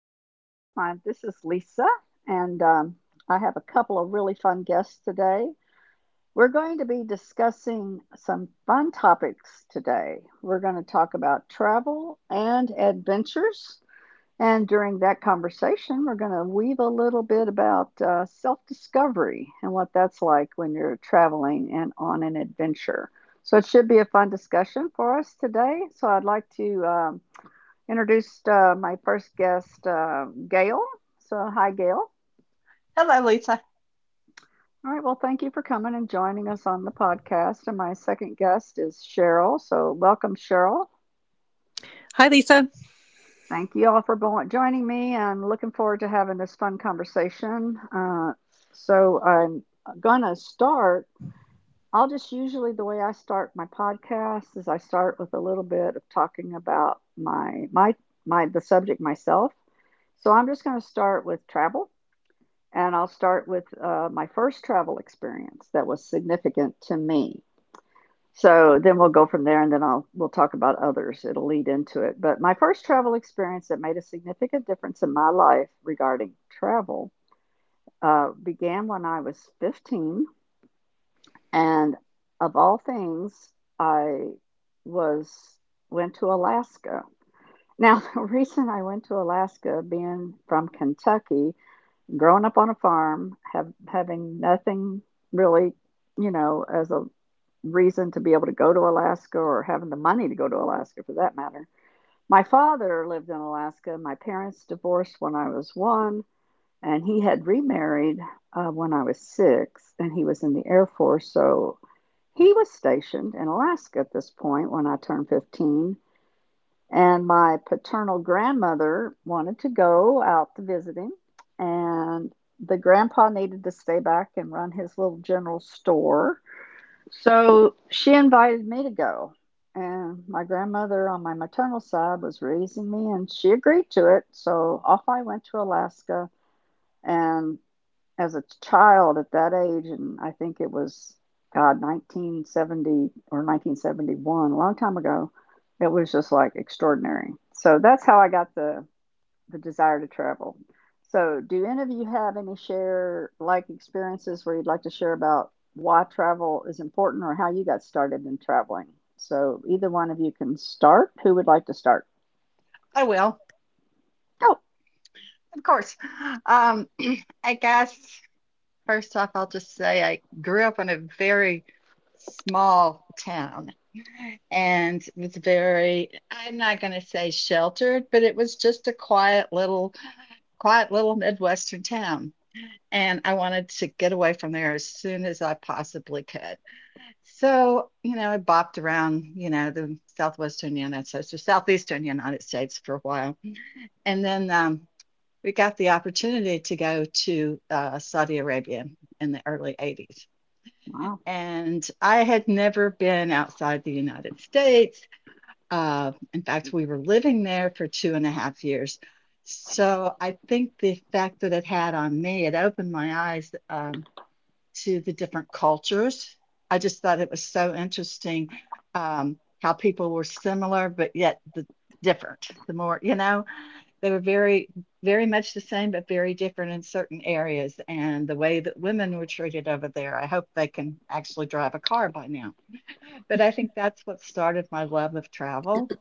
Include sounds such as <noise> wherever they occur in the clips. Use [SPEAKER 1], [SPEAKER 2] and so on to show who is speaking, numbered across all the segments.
[SPEAKER 1] studio. My, this is Lisa, and I have a couple of really fun guests today. We're going to be discussing some fun topics today. We're going to talk about travel and adventures. And during that conversation, we're going to weave a little bit about self discovery and what that's like when you're traveling and on an adventure. So it should be a fun discussion for us today. So I'd like to. Introduced my first guest, Gail. So, hi, Gail.
[SPEAKER 2] Hello, Lisa.
[SPEAKER 1] All right. Well, thank you for coming and joining us on the podcast. And my second guest is Cheryl. So, welcome, Cheryl.
[SPEAKER 3] Hi, Lisa.
[SPEAKER 1] Thank you all for joining me and looking forward to having this fun conversation. So, I'm going to start. I'll just usually the way I start my podcast is I start with a little bit of talking about my my my the subject myself. So I'm just going to start with travel. And I'll start with my first travel experience that was significant to me. So then we'll go from there and then I'll we'll talk about others. It'll lead into it. But my first travel experience that made a significant difference in my life regarding travel began when I was 15, and of all things, I was went to Alaska. Now <laughs> the reason I went to Alaska, being from Kentucky, growing up on a farm, have having nothing really, you know, as a reason to be able to go to Alaska, or having the money to go to Alaska for that matter. My father lived in Alaska. My parents divorced when I was one, and he had remarried when I was six, and he was in the Air Force. So he was stationed in Alaska at this point when I turned 15. And my paternal grandmother wanted to go out to visit him, and the grandpa needed to stay back and run his little general store. So she invited me to go. And my grandmother on my maternal side was raising me, and she agreed to it. So off I went to Alaska, and as a child at that age, and I think it was, God, 1970 or 1971, a long time ago, it was just like extraordinary. So that's how I got the desire to travel. So, do any of you have any share like experiences where you'd like to share about why travel is important or how you got started in traveling? So, either one of you can start. Who would like to start?
[SPEAKER 2] I will,
[SPEAKER 1] Oh,
[SPEAKER 2] of course. Um, <clears throat> I guess first off, I'll just say I grew up in a very small town and was very, I'm not going to say sheltered, but it was just a quiet little Midwestern town. And I wanted to get away from there as soon as I possibly could. So, you know, I bopped around, you know, the southwestern United States or southeastern United States for a while. And then we got the opportunity to go to Saudi Arabia in the early 80s.
[SPEAKER 1] wow.
[SPEAKER 2] And I had never been outside the United States. In fact, we were living there for 2.5 years. So I think the effect that it had on me, it opened my eyes, to the different cultures. I just thought it was so interesting how people were similar but yet the different. The more you know, they were very, very much the same but very different in certain areas. And the way that women were treated over there, I hope they can actually drive a car by now. But I think that's what started my love of travel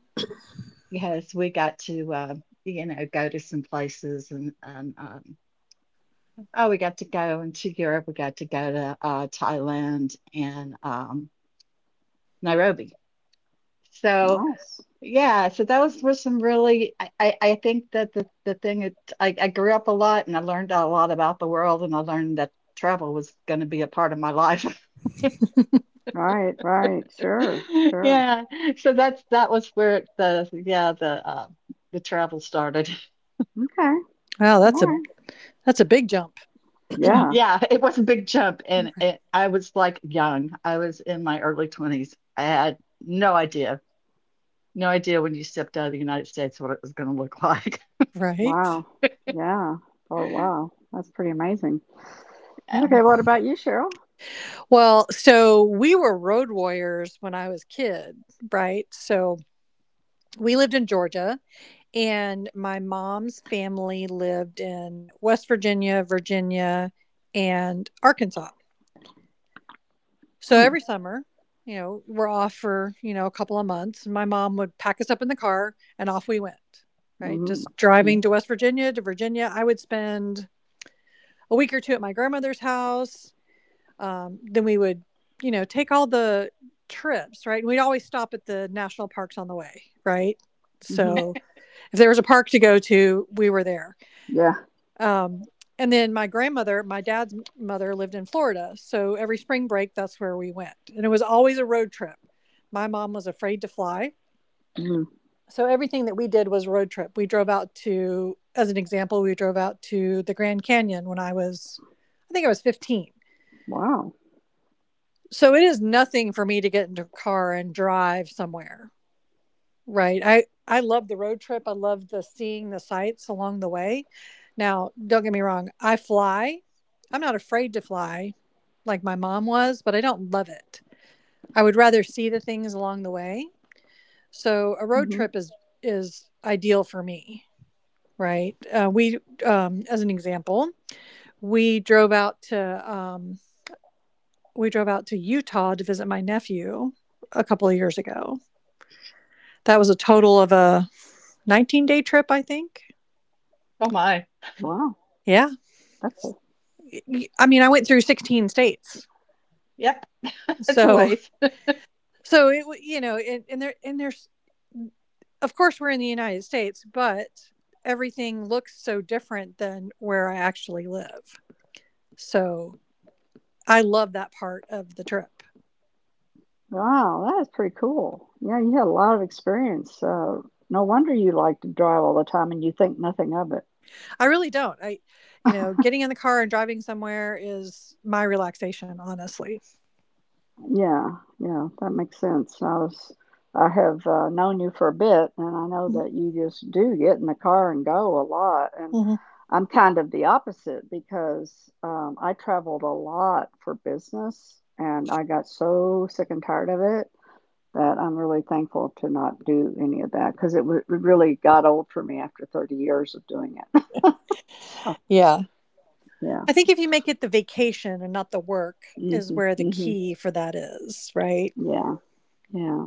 [SPEAKER 2] because we got to, go to some places and oh, we got to go into Europe. We got to go to Thailand and Nairobi. So
[SPEAKER 1] Nice.
[SPEAKER 2] yeah, so those were some really. I think that the thing, I grew up a lot and I learned a lot about the world and I learned that travel was going to be a part of my life.
[SPEAKER 1] Right, right. Sure,
[SPEAKER 2] <laughs>
[SPEAKER 1] sure.
[SPEAKER 2] Yeah, so that was where the travel started. <laughs>
[SPEAKER 1] Okay.
[SPEAKER 3] Wow,
[SPEAKER 1] All
[SPEAKER 3] that's a
[SPEAKER 1] right.
[SPEAKER 3] that's a big jump. <clears throat> right.
[SPEAKER 1] Yeah.
[SPEAKER 2] Yeah, it was a big jump, and I was like young. I was in my early 20s. I had no idea No idea when you stepped out of the United States what it was going to look like.
[SPEAKER 3] Right.
[SPEAKER 1] Wow. Yeah. Oh,
[SPEAKER 2] <laughs>
[SPEAKER 1] wow. That's pretty amazing.
[SPEAKER 3] Yeah.
[SPEAKER 2] Um,
[SPEAKER 1] Okay, what about you, Cheryl?
[SPEAKER 3] Well, so we were road warriors when I was a kid, right? So we lived in Georgia and my mom's family lived in West Virginia, Virginia, and Arkansas. So
[SPEAKER 1] Hmm.
[SPEAKER 3] every summer, we're off for, a couple of months. And my mom would pack us up in the car and off we went, right?
[SPEAKER 1] Mm-hmm.
[SPEAKER 3] Just
[SPEAKER 1] Mm-hmm.
[SPEAKER 3] driving to West Virginia to Virginia. I would spend a week or two at my grandmother's house. Then we would, you know, take all the trips, right? And we'd always stop at the national parks on the way, right?
[SPEAKER 1] Hmm.
[SPEAKER 3] So if there was a park to go to, we were there.
[SPEAKER 1] Yeah.
[SPEAKER 3] Um, and then my grandmother, my dad's mother, lived in Florida. So every spring break, that's where we went. And it was always a road trip. My mom was afraid to fly.
[SPEAKER 1] Mm.
[SPEAKER 3] So everything that we did was road trip. We drove out to, as an example, we drove out to the Grand Canyon when I was, I think I was 15.
[SPEAKER 1] Wow.
[SPEAKER 3] So it is nothing for me to get into a car and drive somewhere, right? I love the road trip. I love the seeing the sights along the way. Now, don't get me wrong, I fly. I'm not afraid to fly like my mom was, but I don't love it. I would rather see the things along the way. So a
[SPEAKER 1] Mm-hmm.
[SPEAKER 3] road trip is ideal for me, right? As an example, we drove out to um, we drove out to Utah to visit my nephew a couple of years ago. That was a total of a 19-day trip, I think.
[SPEAKER 2] oh my.
[SPEAKER 1] Wow.
[SPEAKER 3] Yeah.
[SPEAKER 1] That's a
[SPEAKER 3] I mean, I went through 16 states.
[SPEAKER 2] Yep, <laughs> it's a
[SPEAKER 3] So,
[SPEAKER 2] waste.
[SPEAKER 3] you know, and there's, of course, we're in the United States, but everything looks so different than where I actually live. So I love that part of the trip.
[SPEAKER 1] wow, that is pretty cool. Yeah, you had a lot of experience. No wonder you like to drive all the time and you think nothing of it.
[SPEAKER 3] I really don't. You know, getting in the car and driving somewhere is my relaxation, honestly.
[SPEAKER 1] Yeah, yeah, that makes sense. I have known you for a bit, and I know
[SPEAKER 3] Mhm.
[SPEAKER 1] that you just do get in the car and go a lot. And
[SPEAKER 3] Mhm.
[SPEAKER 1] I'm kind of the opposite because I traveled a lot for business, and I got so sick and tired of it that I'm really thankful to not do any of that because it really got old for me after 30 years of doing it. <laughs> So,
[SPEAKER 3] Yeah.
[SPEAKER 1] yeah.
[SPEAKER 3] I think if you make it the vacation and not the work is
[SPEAKER 1] Hmm,
[SPEAKER 3] where the
[SPEAKER 1] hmm.
[SPEAKER 3] key for that is, right?
[SPEAKER 1] Yeah. Yeah.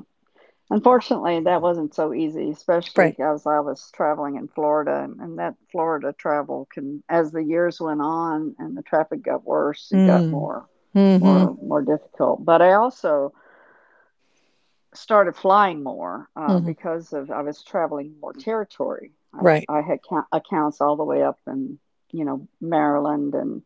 [SPEAKER 1] Unfortunately, that wasn't so easy, especially
[SPEAKER 3] Right.
[SPEAKER 1] as I was traveling in Florida, and that Florida travel can, as the years went on and the traffic got worse, it got
[SPEAKER 3] Mm. Mm-hmm.
[SPEAKER 1] more difficult. But I also started flying more
[SPEAKER 3] Mm-hmm.
[SPEAKER 1] because of I was traveling more territory.
[SPEAKER 3] Right.
[SPEAKER 1] I had accounts all the way up in, you know, Maryland and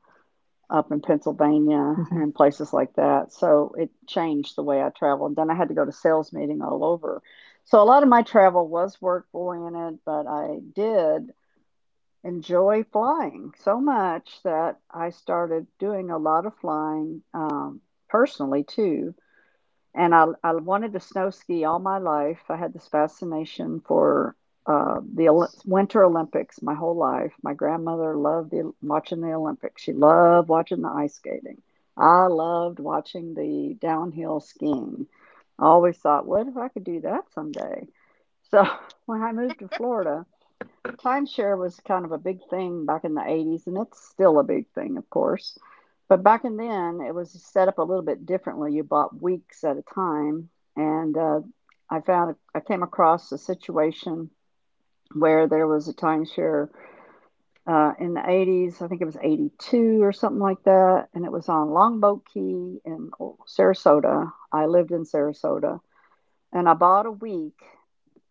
[SPEAKER 1] up in Pennsylvania
[SPEAKER 3] Mm-hmm.
[SPEAKER 1] and places like that. So it changed the way I traveled. Then I had to go to sales meeting all over. So a lot of my travel was work oriented, but I did enjoy flying so much that I started doing a lot of flying personally too, and I wanted to snow ski all my life. I had this fascination for Winter Olympics my whole life. My grandmother loved watching the Olympics. She loved watching the ice skating. I loved watching the downhill skiing. I always thought, what if I could do that someday? So <laughs> when I moved to Florida, Timeshare was kind of a big thing back in the 80s, and it's still a big thing, of course. But back in then, it was set up a little bit differently. You bought weeks at a time, and I came across a situation where there was a timeshare in the 80s. I think it was 82 or something like that, and it was on Longboat Key in Sarasota. I lived in Sarasota, and I bought a week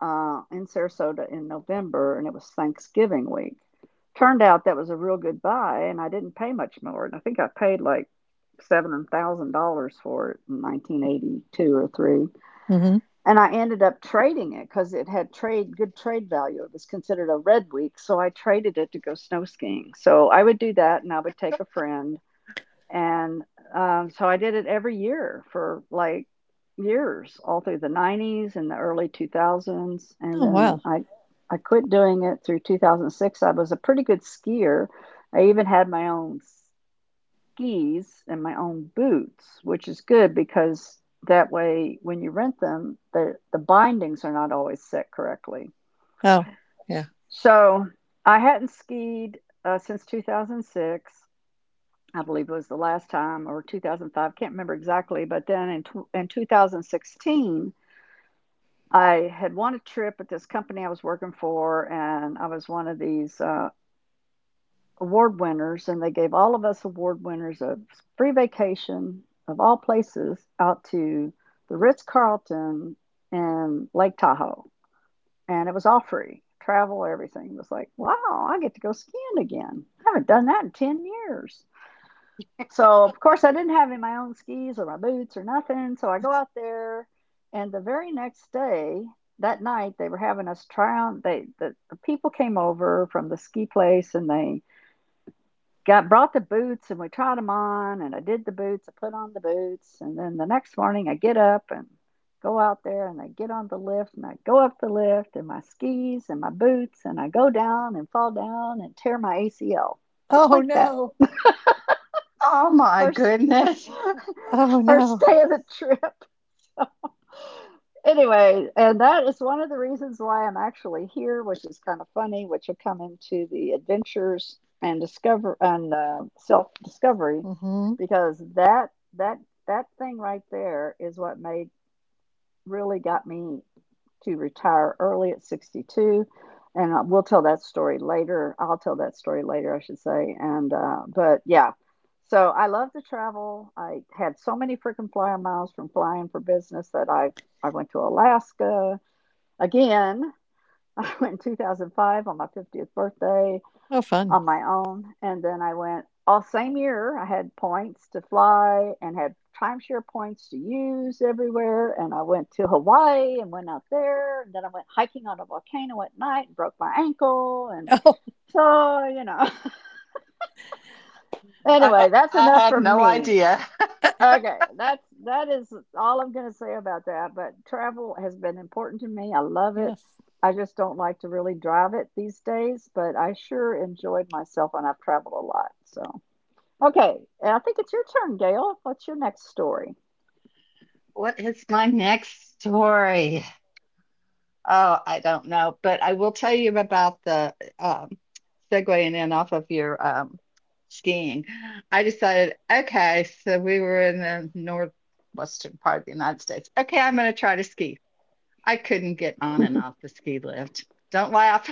[SPEAKER 1] in Sarasota in November, and it was Thanksgiving week. Turned out that was a real good buy, and I didn't pay much more. And I think I paid like $7,000 for it in 1982 or three.
[SPEAKER 3] Mm-hmm.
[SPEAKER 1] And I ended up trading it because it had trade good trade value. It was considered a red week, so I traded it to go snow skiing. So I would do that, and I would take a friend, and, so I did it every year for, like, years, all through the '90s and the early 2000s, and
[SPEAKER 3] Oh wow.
[SPEAKER 1] then I quit doing it through 2006. I was a pretty good skier. I even had my own skis and my own boots, which is good because that way, when you rent them, the bindings are not always set correctly.
[SPEAKER 3] Oh yeah.
[SPEAKER 1] So I hadn't skied, since 2006. I believe it was the last time, or 2005, can't remember exactly. But then in 2016, I had won a trip at this company I was working for, and I was one of these award winners, and they gave all of us award winners a free vacation, of all places, out to the Ritz Carlton in Lake Tahoe, and it was all free. Travel, everything. It was like, wow, I get to go skiing again. I haven't done that in 10 years. So, of course, I didn't have any my own skis or my boots or nothing. So I go out there, and the very next day, that night, they were having us try on. The people came over from the ski place, and they got brought the boots, and we tried them on. And I did the boots. I put on the boots, and then the next morning, I get up and go out there, and I get on the lift, and I go up the lift, and my skis and my boots, and I go down and fall down and tear my ACL just
[SPEAKER 3] Oh
[SPEAKER 1] like that.
[SPEAKER 3] no.
[SPEAKER 1] <laughs>
[SPEAKER 2] Oh my
[SPEAKER 1] first <laughs>
[SPEAKER 2] goodness.
[SPEAKER 3] Oh
[SPEAKER 1] first
[SPEAKER 3] no.
[SPEAKER 1] day of the trip. Anyway, and that is one of the reasons why I'm actually here, which is kind of funny, which will come into the adventures and discover and self discovery,
[SPEAKER 3] Mm-hmm.
[SPEAKER 1] because that that thing right there is what made really got me to retire early at 62, and we'll tell that story later, I'll tell that story later, I should say, and but yeah, so I love to travel. I had so many freaking flyer miles from flying for business that I went to Alaska again. <laughs> I went in 2005 on my 50th birthday
[SPEAKER 3] Oh fun.
[SPEAKER 1] on my own. And then I went all same year. I had points to fly and had timeshare points to use everywhere. And I went to Hawaii and went out there. And then I went hiking on a volcano at night and broke my ankle. And
[SPEAKER 3] Oh
[SPEAKER 1] so, you know, <laughs>
[SPEAKER 2] I
[SPEAKER 1] anyway,
[SPEAKER 2] ha-
[SPEAKER 1] that's
[SPEAKER 2] I
[SPEAKER 1] enough
[SPEAKER 2] had
[SPEAKER 1] for
[SPEAKER 2] no
[SPEAKER 1] me.
[SPEAKER 2] idea.
[SPEAKER 3] <laughs>
[SPEAKER 1] Okay, that is all I'm going to say about that. But travel has been important to me. I love it.
[SPEAKER 3] yes.
[SPEAKER 1] I just don't like to really drive it these days, but I sure enjoyed myself when I've traveled a lot. So. Okay, and I think it's your turn, Gail. What's your next story?
[SPEAKER 2] <laughs> What is my next story? Oh, I don't know, but I will tell you about the um segueing in off of your skiing. I decided, okay, so we were in the northwestern part of the United States. Okay, I'm going to try to ski. I couldn't get on and off the ski lift. Don't laugh.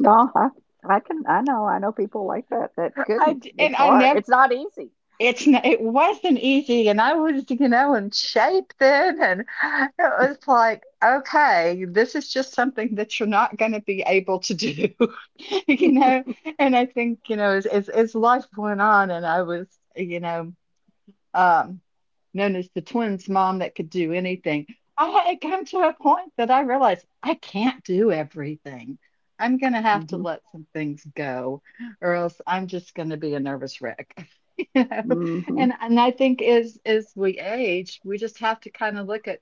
[SPEAKER 1] No, I can. I know. I know people like that that
[SPEAKER 2] <laughs>
[SPEAKER 1] couldn't.
[SPEAKER 2] And
[SPEAKER 1] It's
[SPEAKER 2] I
[SPEAKER 1] hard.
[SPEAKER 2] never.
[SPEAKER 1] It's not easy.
[SPEAKER 2] It wasn't easy, and I was, in shape then, and it was like, okay, this is just something that you're not going to be able to do, <laughs> you know. And I think, as life went on, and I was, you know. um, known as the twins' mom that could do anything. I had come to a point that I realized I can't do everything. I'm going to have to
[SPEAKER 1] Hmm,
[SPEAKER 2] let some things go, or else I'm just going to be a nervous wreck. <laughs> You know,
[SPEAKER 1] hmm.
[SPEAKER 2] and I think as we age, we just have to kind of look at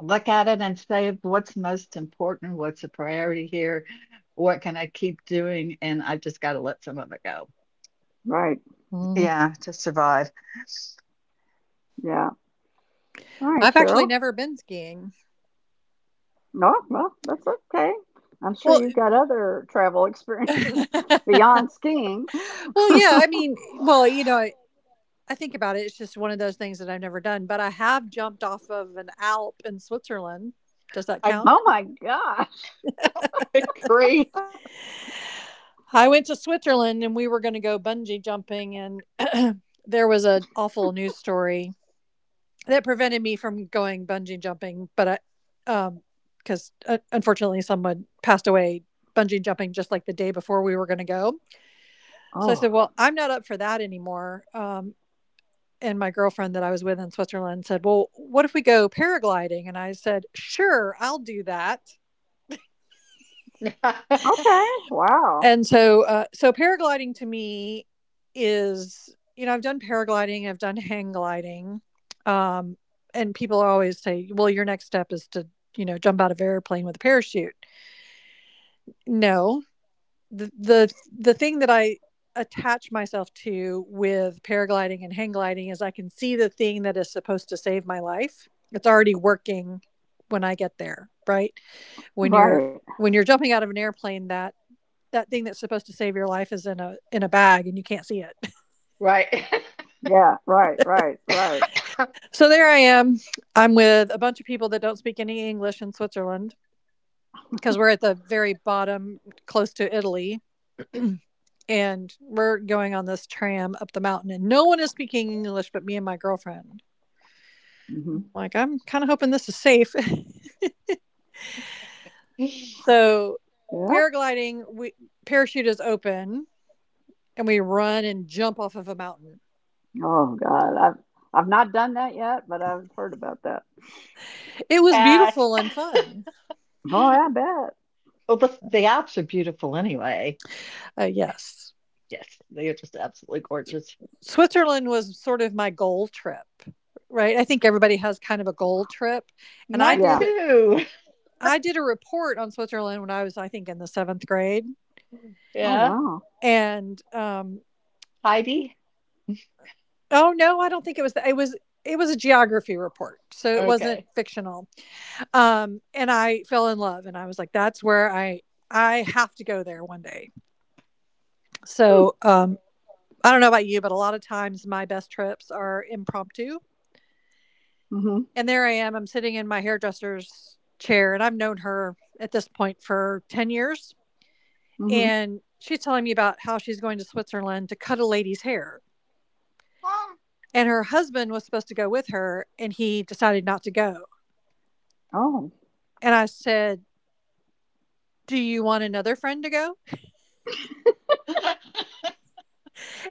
[SPEAKER 2] look at it and say what's most important, what's a priority here, what can I keep doing, and I've just got to let some of it go.
[SPEAKER 1] Right.
[SPEAKER 3] Mm.
[SPEAKER 2] Yeah, to survive.
[SPEAKER 1] Yeah. All right,
[SPEAKER 3] I've actually
[SPEAKER 1] Cheryl.
[SPEAKER 3] never been skiing.
[SPEAKER 1] No, well, that's okay. I'm sure
[SPEAKER 3] Well,
[SPEAKER 1] you've got other travel experiences
[SPEAKER 3] <laughs>
[SPEAKER 1] <laughs>
[SPEAKER 3] well,
[SPEAKER 1] beyond skiing.
[SPEAKER 3] yeah. I mean, you know, I think about it. It's just one of those things that I've never done. But I have jumped off of an Alp in Switzerland. Does that
[SPEAKER 2] I'm
[SPEAKER 3] count?
[SPEAKER 1] Oh my gosh.
[SPEAKER 2] <laughs> good grief.
[SPEAKER 3] I went to Switzerland and we were going to go bungee jumping, and <clears throat> there was an awful news story that prevented me from going bungee jumping, but I um cuz unfortunately, someone passed away bungee jumping just like the day before we were going to go. So I
[SPEAKER 1] Oh.
[SPEAKER 3] said, "Well, I'm not up for that anymore." And my girlfriend that I was with in Switzerland said, "Well, what if we go paragliding?" And I said, "Sure, I'll do that."
[SPEAKER 2] <laughs>
[SPEAKER 1] Okay. Wow.
[SPEAKER 3] and so so paragliding to me is, you know, I've done paragliding, I've done hang gliding. um, and people always say, well, your next step is to, you know, jump out of an airplane with a parachute. No. The thing that I attach myself to with paragliding and hang gliding is I can see the thing that is supposed to save my life. It's already working when I get there, right? when you're
[SPEAKER 1] Right.
[SPEAKER 3] when you're jumping out of an airplane, that thing that's supposed to save your life is in a bag and you can't see it. <laughs>
[SPEAKER 2] Right.
[SPEAKER 1] Yeah. Right. Right. Right.
[SPEAKER 2] <laughs>
[SPEAKER 3] So there I am. I'm with a bunch of people that don't speak any English in Switzerland because we're at the very bottom close to Italy. <clears throat> And we're going on this tram up the mountain and no one is speaking English but me and my girlfriend. I'm
[SPEAKER 1] Hmm.
[SPEAKER 3] like, I'm kind of hoping this is safe. <laughs> So
[SPEAKER 1] Yeah.
[SPEAKER 3] paragliding, we, parachute is open, and we run and jump off of a mountain.
[SPEAKER 1] Oh God, I've not done that yet, but I've heard about that.
[SPEAKER 3] It was
[SPEAKER 2] Pass.
[SPEAKER 3] beautiful and fun.
[SPEAKER 1] Boy, I bet.
[SPEAKER 2] Well, the Alps are beautiful anyway.
[SPEAKER 3] Yes.
[SPEAKER 2] Yes, they are just absolutely gorgeous.
[SPEAKER 3] Switzerland was sort of my goal trip, right? I think everybody has kind of a goal trip, and I
[SPEAKER 2] Mine
[SPEAKER 3] did
[SPEAKER 1] Yeah.
[SPEAKER 3] I
[SPEAKER 2] too.
[SPEAKER 3] did a report on Switzerland when I was, I think, in the seventh grade,
[SPEAKER 1] Oh
[SPEAKER 2] Yeah.
[SPEAKER 1] wow.
[SPEAKER 3] and
[SPEAKER 2] Heidi?
[SPEAKER 3] oh no, I don't think it was, it was it was a geography report, so it wasn't
[SPEAKER 2] Okay.
[SPEAKER 3] fictional. And I fell in love, and I was like, that's where I have to go there one day.
[SPEAKER 1] Hmm.
[SPEAKER 3] So um, I don't know about you, but a lot of times my best trips are impromptu.
[SPEAKER 1] Mhm.
[SPEAKER 3] And there I am. I'm sitting in my hairdresser's chair, and I've known her at this point for 10 years.
[SPEAKER 1] Mhm.
[SPEAKER 3] And she's telling me about how she's going to Switzerland to cut a lady's hair. And her husband was supposed to go with her, and he decided not to go.
[SPEAKER 1] Oh
[SPEAKER 3] And I said, "Do you want another friend to go?"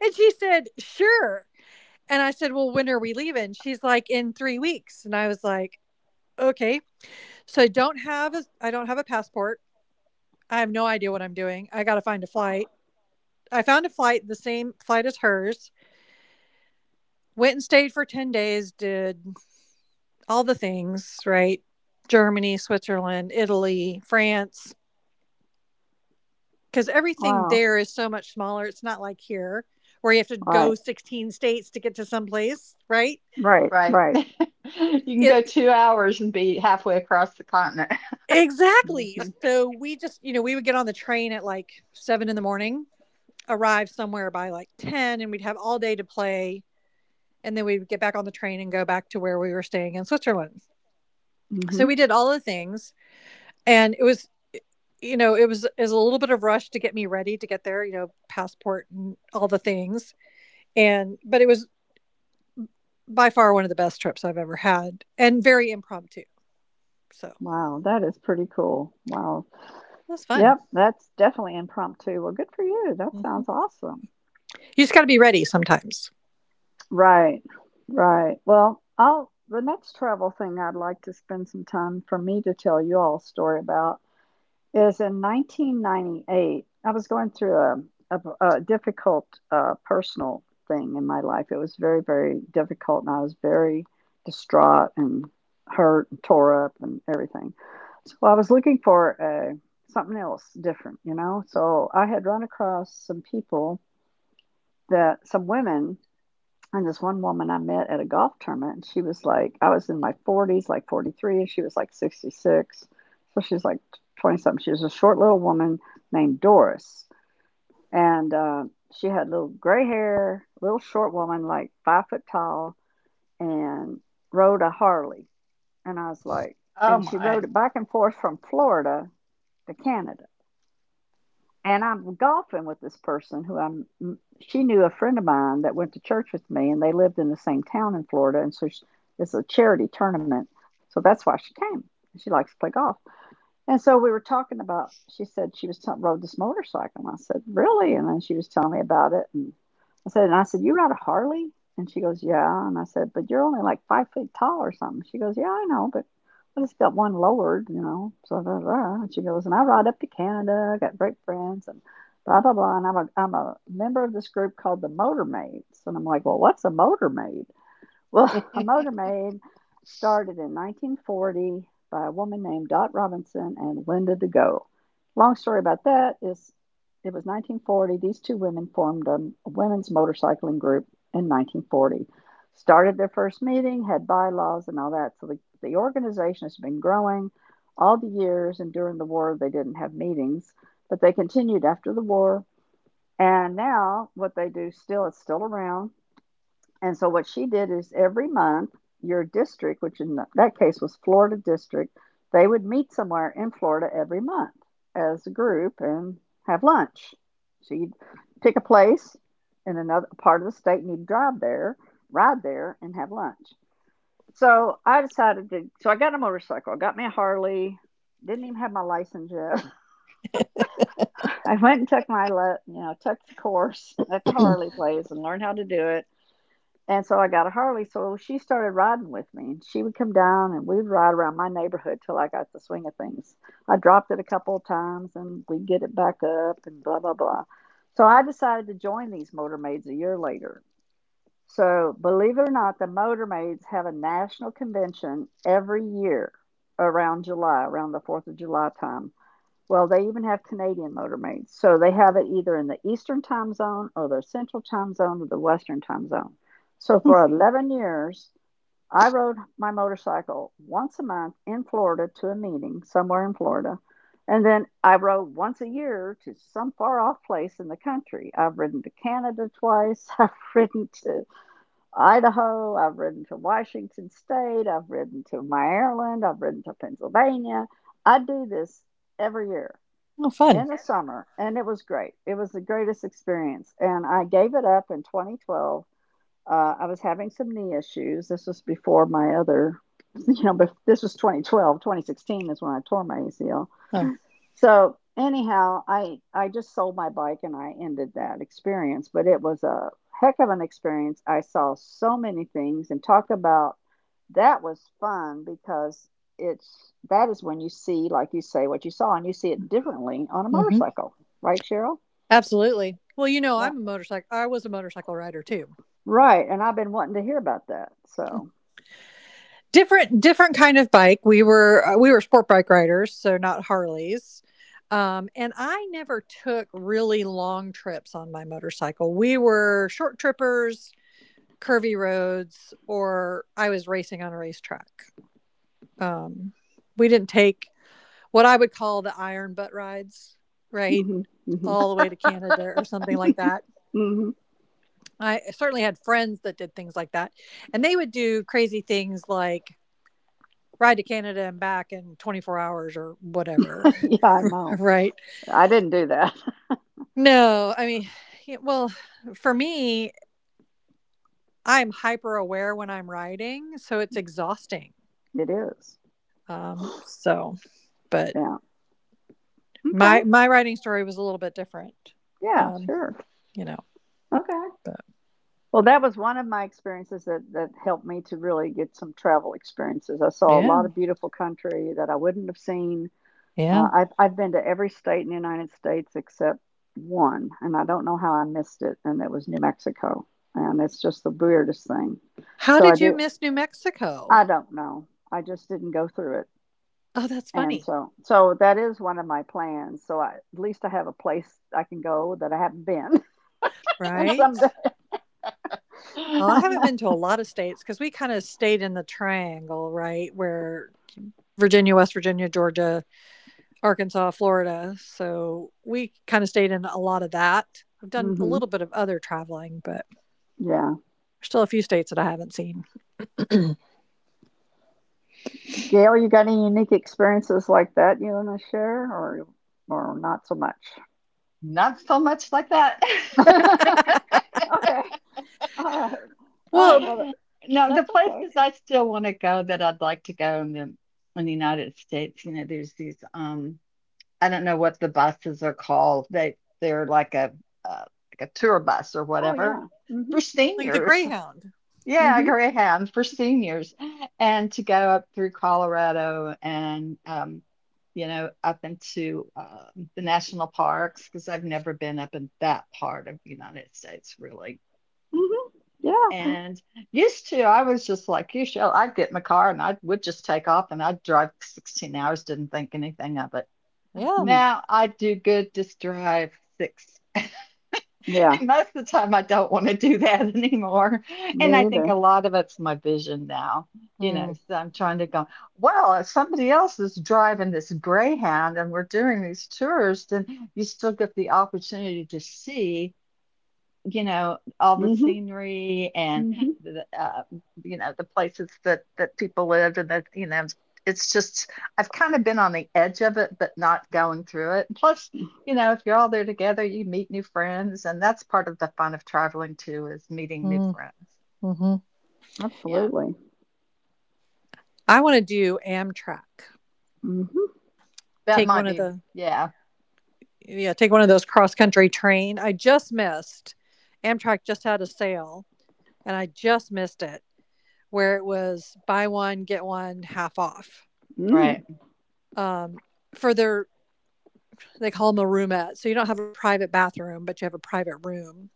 [SPEAKER 3] And she said, "Sure." And I said, "Well, when are we leaving?" She's like, "In 3 weeks." And I was like, "Okay." So I don't have a passport. I have no idea what I'm doing. I gotta find a flight. I found a flight, the same flight as hers. Went and stayed for 10 days, did all the things, right? Germany, Switzerland, Italy, France, because everything
[SPEAKER 1] wow.
[SPEAKER 3] there is so much smaller. It's not like here where you have to
[SPEAKER 1] Right.
[SPEAKER 3] go 16 states to get to someplace, right?
[SPEAKER 1] Right.
[SPEAKER 2] Right.
[SPEAKER 1] Right.
[SPEAKER 2] <laughs> You can
[SPEAKER 3] It,
[SPEAKER 2] go 2 hours and be halfway across the continent.
[SPEAKER 3] exactly.
[SPEAKER 1] Mhm.
[SPEAKER 3] So we just, you know, we would get on the train at like seven in the morning, arrive somewhere by like 10, and we'd have all day to play. And then we would get back on the train and go back to where we were staying in Switzerland. So
[SPEAKER 1] Mhm.
[SPEAKER 3] we did all the things, and it was, you know, it was a little bit of rush to get me ready to get there, you know, passport and all the things. And but it was by far one of the best trips I've ever had, and very impromptu. So it
[SPEAKER 1] Wow, that is pretty cool. Wow.
[SPEAKER 3] was fun.
[SPEAKER 1] Yep, that's definitely impromptu. Well, good for you. That
[SPEAKER 3] Mm-hmm.
[SPEAKER 1] sounds awesome.
[SPEAKER 3] You just got to be ready sometimes.
[SPEAKER 1] Right. Right. Well, I'll the next travel thing I'd like to spend some time for me to tell you all a story about is in 1998. I was going through a difficult personal thing in my life. It was very, very difficult, and I was very distraught and hurt and tore up and everything. So I was looking for a, something else different, you know? So I had run across some people that, some women and this one woman I met at a golf tournament, and she was like, I was in my forties, like 43, and she was like 66. So she's like 20 something. She was a short little woman named Doris. And she had little gray hair, little short woman, like five-foot tall, and rode a Harley. And I was like,
[SPEAKER 2] Oh
[SPEAKER 1] and she
[SPEAKER 2] my.
[SPEAKER 1] rode it back and forth from Florida to Canada and I'm golfing with this person who I'm. She knew a friend of mine that went to church with me, and they lived in the same town in Florida. And so she, it's a charity tournament, so that's why she came. She likes to play golf. And so we were talking about. She said she was rode this motorcycle, and I said, "Really?" And then she was telling me about it, and I said, "And I said you ride a Harley?" And she goes, "Yeah." And I said, "But you're only like five feet tall or something." She goes, "Yeah, I know, but I just got one lowered, you know." So blah, blah. And she goes, "And I ride up to Canada. I got great friends and blah blah blah." And I'm a member of this group called the Motor Maids, and I'm like, "Well, what's a Motor Maid?" Well, <laughs> a motor maid started in 1940 by a woman named Dot Robinson and Linda DeGo. Long story about that is it was 1940. These two women formed a women's motorcycling group in 1940. Started their first meeting, had bylaws and all that. So the organization has been growing all the years. And during the war, they didn't have meetings, but they continued after the war. And now, what they do still is still around. And so what she did is every month, your district, which in that case was Florida district, they would meet somewhere in Florida every month as a group and have lunch. So you'd pick a place in another part of the state and you'd drive there, ride there, and have lunch. So I got a motorcycle. I got me a Harley. Didn't even have my license yet. <laughs> I went and took my, you know, took the course at the Harley place and learned how to do it and so I got a Harley, so she started riding with me, and she would come down and we'd ride around my neighborhood till I got the swing of things. I dropped it a couple of times and we'd get it back up and blah blah blah. So I decided to join these motor maids a year later. So believe it or not, the motor maids have a national convention every year around July, around the 4th of July time. Well, they even have Canadian motor maids, so they have it either in the Eastern Time Zone or the Central Time Zone or the Western Time Zone. So for 11 years, I rode my motorcycle once a month in Florida to a meeting somewhere in Florida. And then I rode once a year to some far off place in the country. I've ridden to Canada twice. <laughs> I've ridden to Idaho. I've ridden to Washington State. I've ridden to Maryland. I've ridden to Pennsylvania. I do this every year
[SPEAKER 3] Oh fun.
[SPEAKER 1] in the summer, and it was great. It was the greatest experience. And I gave it up in 2012. Uh, I was having some knee issues. This was before my other, <laughs> this was 2012. 2016 is when I tore my ACL.
[SPEAKER 3] Oh.
[SPEAKER 1] So anyhow, I just sold my bike and I ended that experience, but it was a heck of an experience. I saw so many things and talk about that was fun because it's that is when you see, like you say, what you saw and you see it differently on a
[SPEAKER 3] Hmm.
[SPEAKER 1] motorcycle, right, Cheryl?
[SPEAKER 3] Absolutely. Well, you know,
[SPEAKER 1] Yeah,
[SPEAKER 3] I was a motorcycle rider too.
[SPEAKER 1] right. And I've been wanting to hear about that. So,
[SPEAKER 3] Different kind of bike. We were sport bike riders, so not Harleys. And I never took really long trips on my motorcycle. We were short trippers, curvy roads, or I was racing on a racetrack. Um, we didn't take what I would call the iron butt rides, right?
[SPEAKER 1] hmm hmm
[SPEAKER 3] All the way to Canada or something like that.
[SPEAKER 1] hmm
[SPEAKER 3] I certainly had friends that did things like that. And they would do crazy things like ride to Canada and back in 24 hours or whatever,
[SPEAKER 1] <laughs> yeah, I
[SPEAKER 3] <laughs>
[SPEAKER 1] know.
[SPEAKER 3] right?
[SPEAKER 1] I didn't do that.
[SPEAKER 3] No, I mean, yeah, well, for me, I'm hyper aware when I'm riding, so it's exhausting.
[SPEAKER 1] <laughs> It is.
[SPEAKER 3] So, but
[SPEAKER 1] Yeah. Okay.
[SPEAKER 3] My writing story was a little bit different.
[SPEAKER 1] Yeah.
[SPEAKER 3] Um,
[SPEAKER 1] Sure.
[SPEAKER 3] you know,
[SPEAKER 1] Okay.
[SPEAKER 3] but
[SPEAKER 1] Well, that was one of my experiences that, that helped me to really get some travel experiences. I saw a
[SPEAKER 3] Yeah,
[SPEAKER 1] lot of beautiful country that I wouldn't have seen.
[SPEAKER 3] yeah.
[SPEAKER 1] I've been to every state in the United States except one, and I don't know how I missed it, and that was New Mexico. And it's just the weirdest thing.
[SPEAKER 3] How
[SPEAKER 1] So I
[SPEAKER 3] did you
[SPEAKER 1] do,
[SPEAKER 3] miss New Mexico?
[SPEAKER 1] I don't know. I just didn't go through it.
[SPEAKER 3] Oh, that's
[SPEAKER 1] And
[SPEAKER 3] funny,
[SPEAKER 1] so, so that is one of my plans. So I, at least I have a place I can go that I haven't been. <laughs> and someday,
[SPEAKER 3] right? Well, I haven't
[SPEAKER 2] <laughs>
[SPEAKER 3] been to a lot of states because we kind of stayed in the triangle, right? Where Virginia, West Virginia, Georgia, Arkansas, Florida. So we kind of stayed in a lot of that. I've
[SPEAKER 1] <laughs>
[SPEAKER 3] done a
[SPEAKER 1] hmm
[SPEAKER 3] little bit of other traveling, but
[SPEAKER 1] yeah.
[SPEAKER 3] there's still a few states that I haven't seen. <laughs> <clears throat>
[SPEAKER 1] Gail, you got any unique experiences like that you want to share, or not so much?
[SPEAKER 2] Not so much like that.
[SPEAKER 1] <laughs> okay, all right, all
[SPEAKER 3] Well,
[SPEAKER 1] right. Well,
[SPEAKER 2] <laughs> No, the
[SPEAKER 1] that's okay.
[SPEAKER 2] places
[SPEAKER 3] eh,
[SPEAKER 2] I still want to go that I'd like to go in the United States, you know, there's these I don't know what the buses are called. They're like uh, a tour bus or
[SPEAKER 1] Oh
[SPEAKER 2] whatever
[SPEAKER 1] yeah.
[SPEAKER 2] for
[SPEAKER 1] Mhm.
[SPEAKER 3] like the
[SPEAKER 2] seniors.
[SPEAKER 3] Greyhound.
[SPEAKER 2] Yeah,
[SPEAKER 1] Mhm.
[SPEAKER 2] Greyhound for seniors, and to go up through Colorado and up into the national parks because I've never been up in that part of the United States really.
[SPEAKER 1] Mhm. Yeah.
[SPEAKER 2] And used to, I was just like you, Shell. I'd get in my car and I would just take off and I'd drive 16 hours, didn't think anything of it.
[SPEAKER 3] Yeah.
[SPEAKER 1] Mm,
[SPEAKER 2] Now I do good just drive six.
[SPEAKER 1] yeah.
[SPEAKER 2] <laughs> And most of the time I don't want to do that <laughs> anymore.
[SPEAKER 1] Me
[SPEAKER 2] And I think a
[SPEAKER 1] either.
[SPEAKER 2] lot of it's my vision now. You know,
[SPEAKER 3] Mm,
[SPEAKER 2] so I'm trying to go, well, if somebody else is driving this Greyhound and we're doing these tours, then you still get the opportunity to see all the
[SPEAKER 1] Mhm.
[SPEAKER 2] scenery and
[SPEAKER 1] Mhm.
[SPEAKER 2] the, uh, the places that people lived and that, it's just I've kind of been on the edge of it, but not going through it. And plus, if you're all there together, you meet new friends, and that's part of the fun of traveling too, is meeting new
[SPEAKER 3] mm,
[SPEAKER 2] friends.
[SPEAKER 3] mhm.
[SPEAKER 2] Yeah,
[SPEAKER 1] Absolutely.
[SPEAKER 3] I want to do Amtrak.
[SPEAKER 1] Mhm.
[SPEAKER 2] that
[SPEAKER 3] Take one
[SPEAKER 2] might
[SPEAKER 3] of
[SPEAKER 2] be,
[SPEAKER 3] the,
[SPEAKER 2] yeah.
[SPEAKER 3] yeah, take one of those cross country train. I just missed Amtrak just had a sale and I just missed it where it was buy one get one half off.
[SPEAKER 1] Mm,
[SPEAKER 2] Right,
[SPEAKER 3] Um, for their, they call them a roomette, so you don't have a private bathroom, but you have a private room.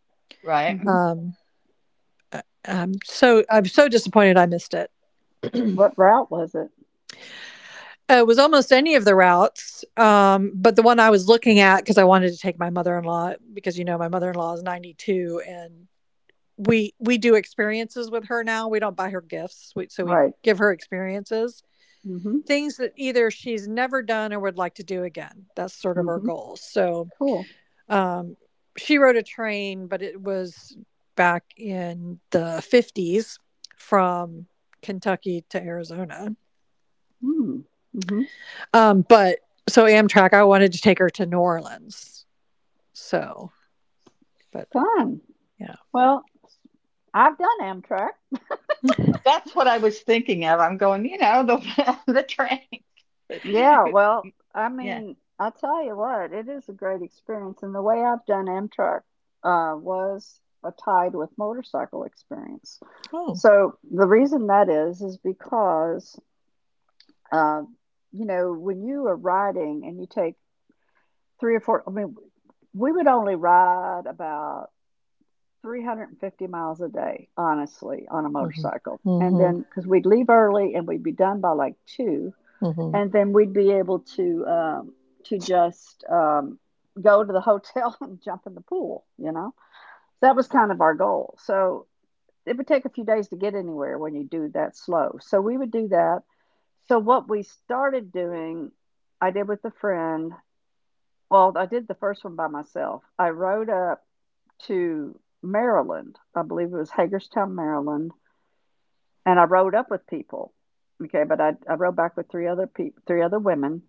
[SPEAKER 2] right.
[SPEAKER 1] Mhm.
[SPEAKER 3] Um, I- am so I'm so disappointed I missed it. <clears throat>
[SPEAKER 1] What route was it?
[SPEAKER 3] It was almost any of the routes, but the one I was looking at, because I wanted to take my mother in law, because you know my mother in law is 92, and we do experiences with her now. We don't buy her gifts, so we
[SPEAKER 1] Right.
[SPEAKER 3] give her experiences,
[SPEAKER 1] Mhm.
[SPEAKER 3] things that either she's never done or would like to do again. That's sort of our
[SPEAKER 1] Mhm.
[SPEAKER 3] goal. So
[SPEAKER 1] Cool.
[SPEAKER 3] um, she rode a train, but it was back in the '50s from Kentucky to Arizona.
[SPEAKER 1] Mm. Mhm.
[SPEAKER 3] But so Amtrak, I wanted to take her to New Orleans. So, but
[SPEAKER 1] Fun.
[SPEAKER 3] yeah.
[SPEAKER 1] Well, I've done Amtrak.
[SPEAKER 2] That's what I was thinking of. I'm going, the <laughs> the train.
[SPEAKER 1] Yeah,
[SPEAKER 2] <laughs>
[SPEAKER 1] well, I
[SPEAKER 2] Yeah,
[SPEAKER 1] mean, I'll tell you what, it is a great experience. And the way I've done Amtrak was a tied with motorcycle experience.
[SPEAKER 3] Oh.
[SPEAKER 1] So the reason that is because, uh, you know, when you are riding and you take three or four, I mean, we would only ride about 350 miles a day, honestly, on a
[SPEAKER 3] Mm-hmm.
[SPEAKER 1] motorcycle. And
[SPEAKER 3] Mm-hmm.
[SPEAKER 1] then, because we'd leave early and we'd be done by like two
[SPEAKER 3] Mm-hmm.
[SPEAKER 1] and then we'd be able to just go to the hotel <laughs> and jump in the pool. You know, so that was kind of our goal. So it would take a few days to get anywhere when you do that slow. So we would do that. So what we started doing, I did with a friend. Well, I did the first one by myself. I rode up to Maryland. I believe it was Hagerstown, Maryland, and I rode up with people. Okay, but I rode back with three other people, three other women.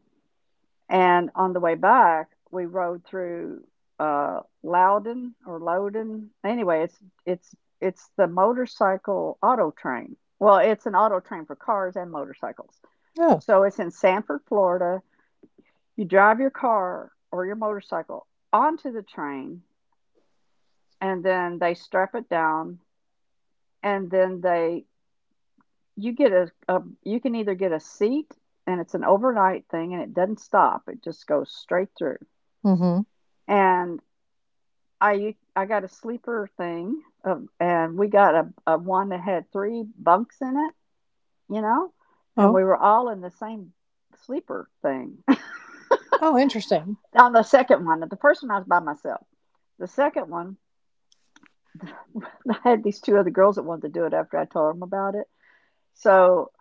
[SPEAKER 1] And on the way back, we rode through Loudon or Loudon. Anyway, it's it's the motorcycle auto train. Well, it's an auto train for cars and motorcycles.
[SPEAKER 3] Oh.
[SPEAKER 1] So it's in Sanford, Florida. You drive your car or your motorcycle onto the train, and then they strap it down, and then they you get a you can either get a seat, and it's an overnight thing, and it doesn't stop. It just goes straight through.
[SPEAKER 3] Mm-hmm.
[SPEAKER 1] And I got a sleeper thing, and we got a one that had three bunks in it, you know, and
[SPEAKER 3] Oh.
[SPEAKER 1] we were all in the same sleeper thing
[SPEAKER 3] Oh, interesting.
[SPEAKER 1] <laughs> on the second one. The first one, I was by myself. The second one, <laughs> I had these two other girls that wanted to do it after I told them about it. So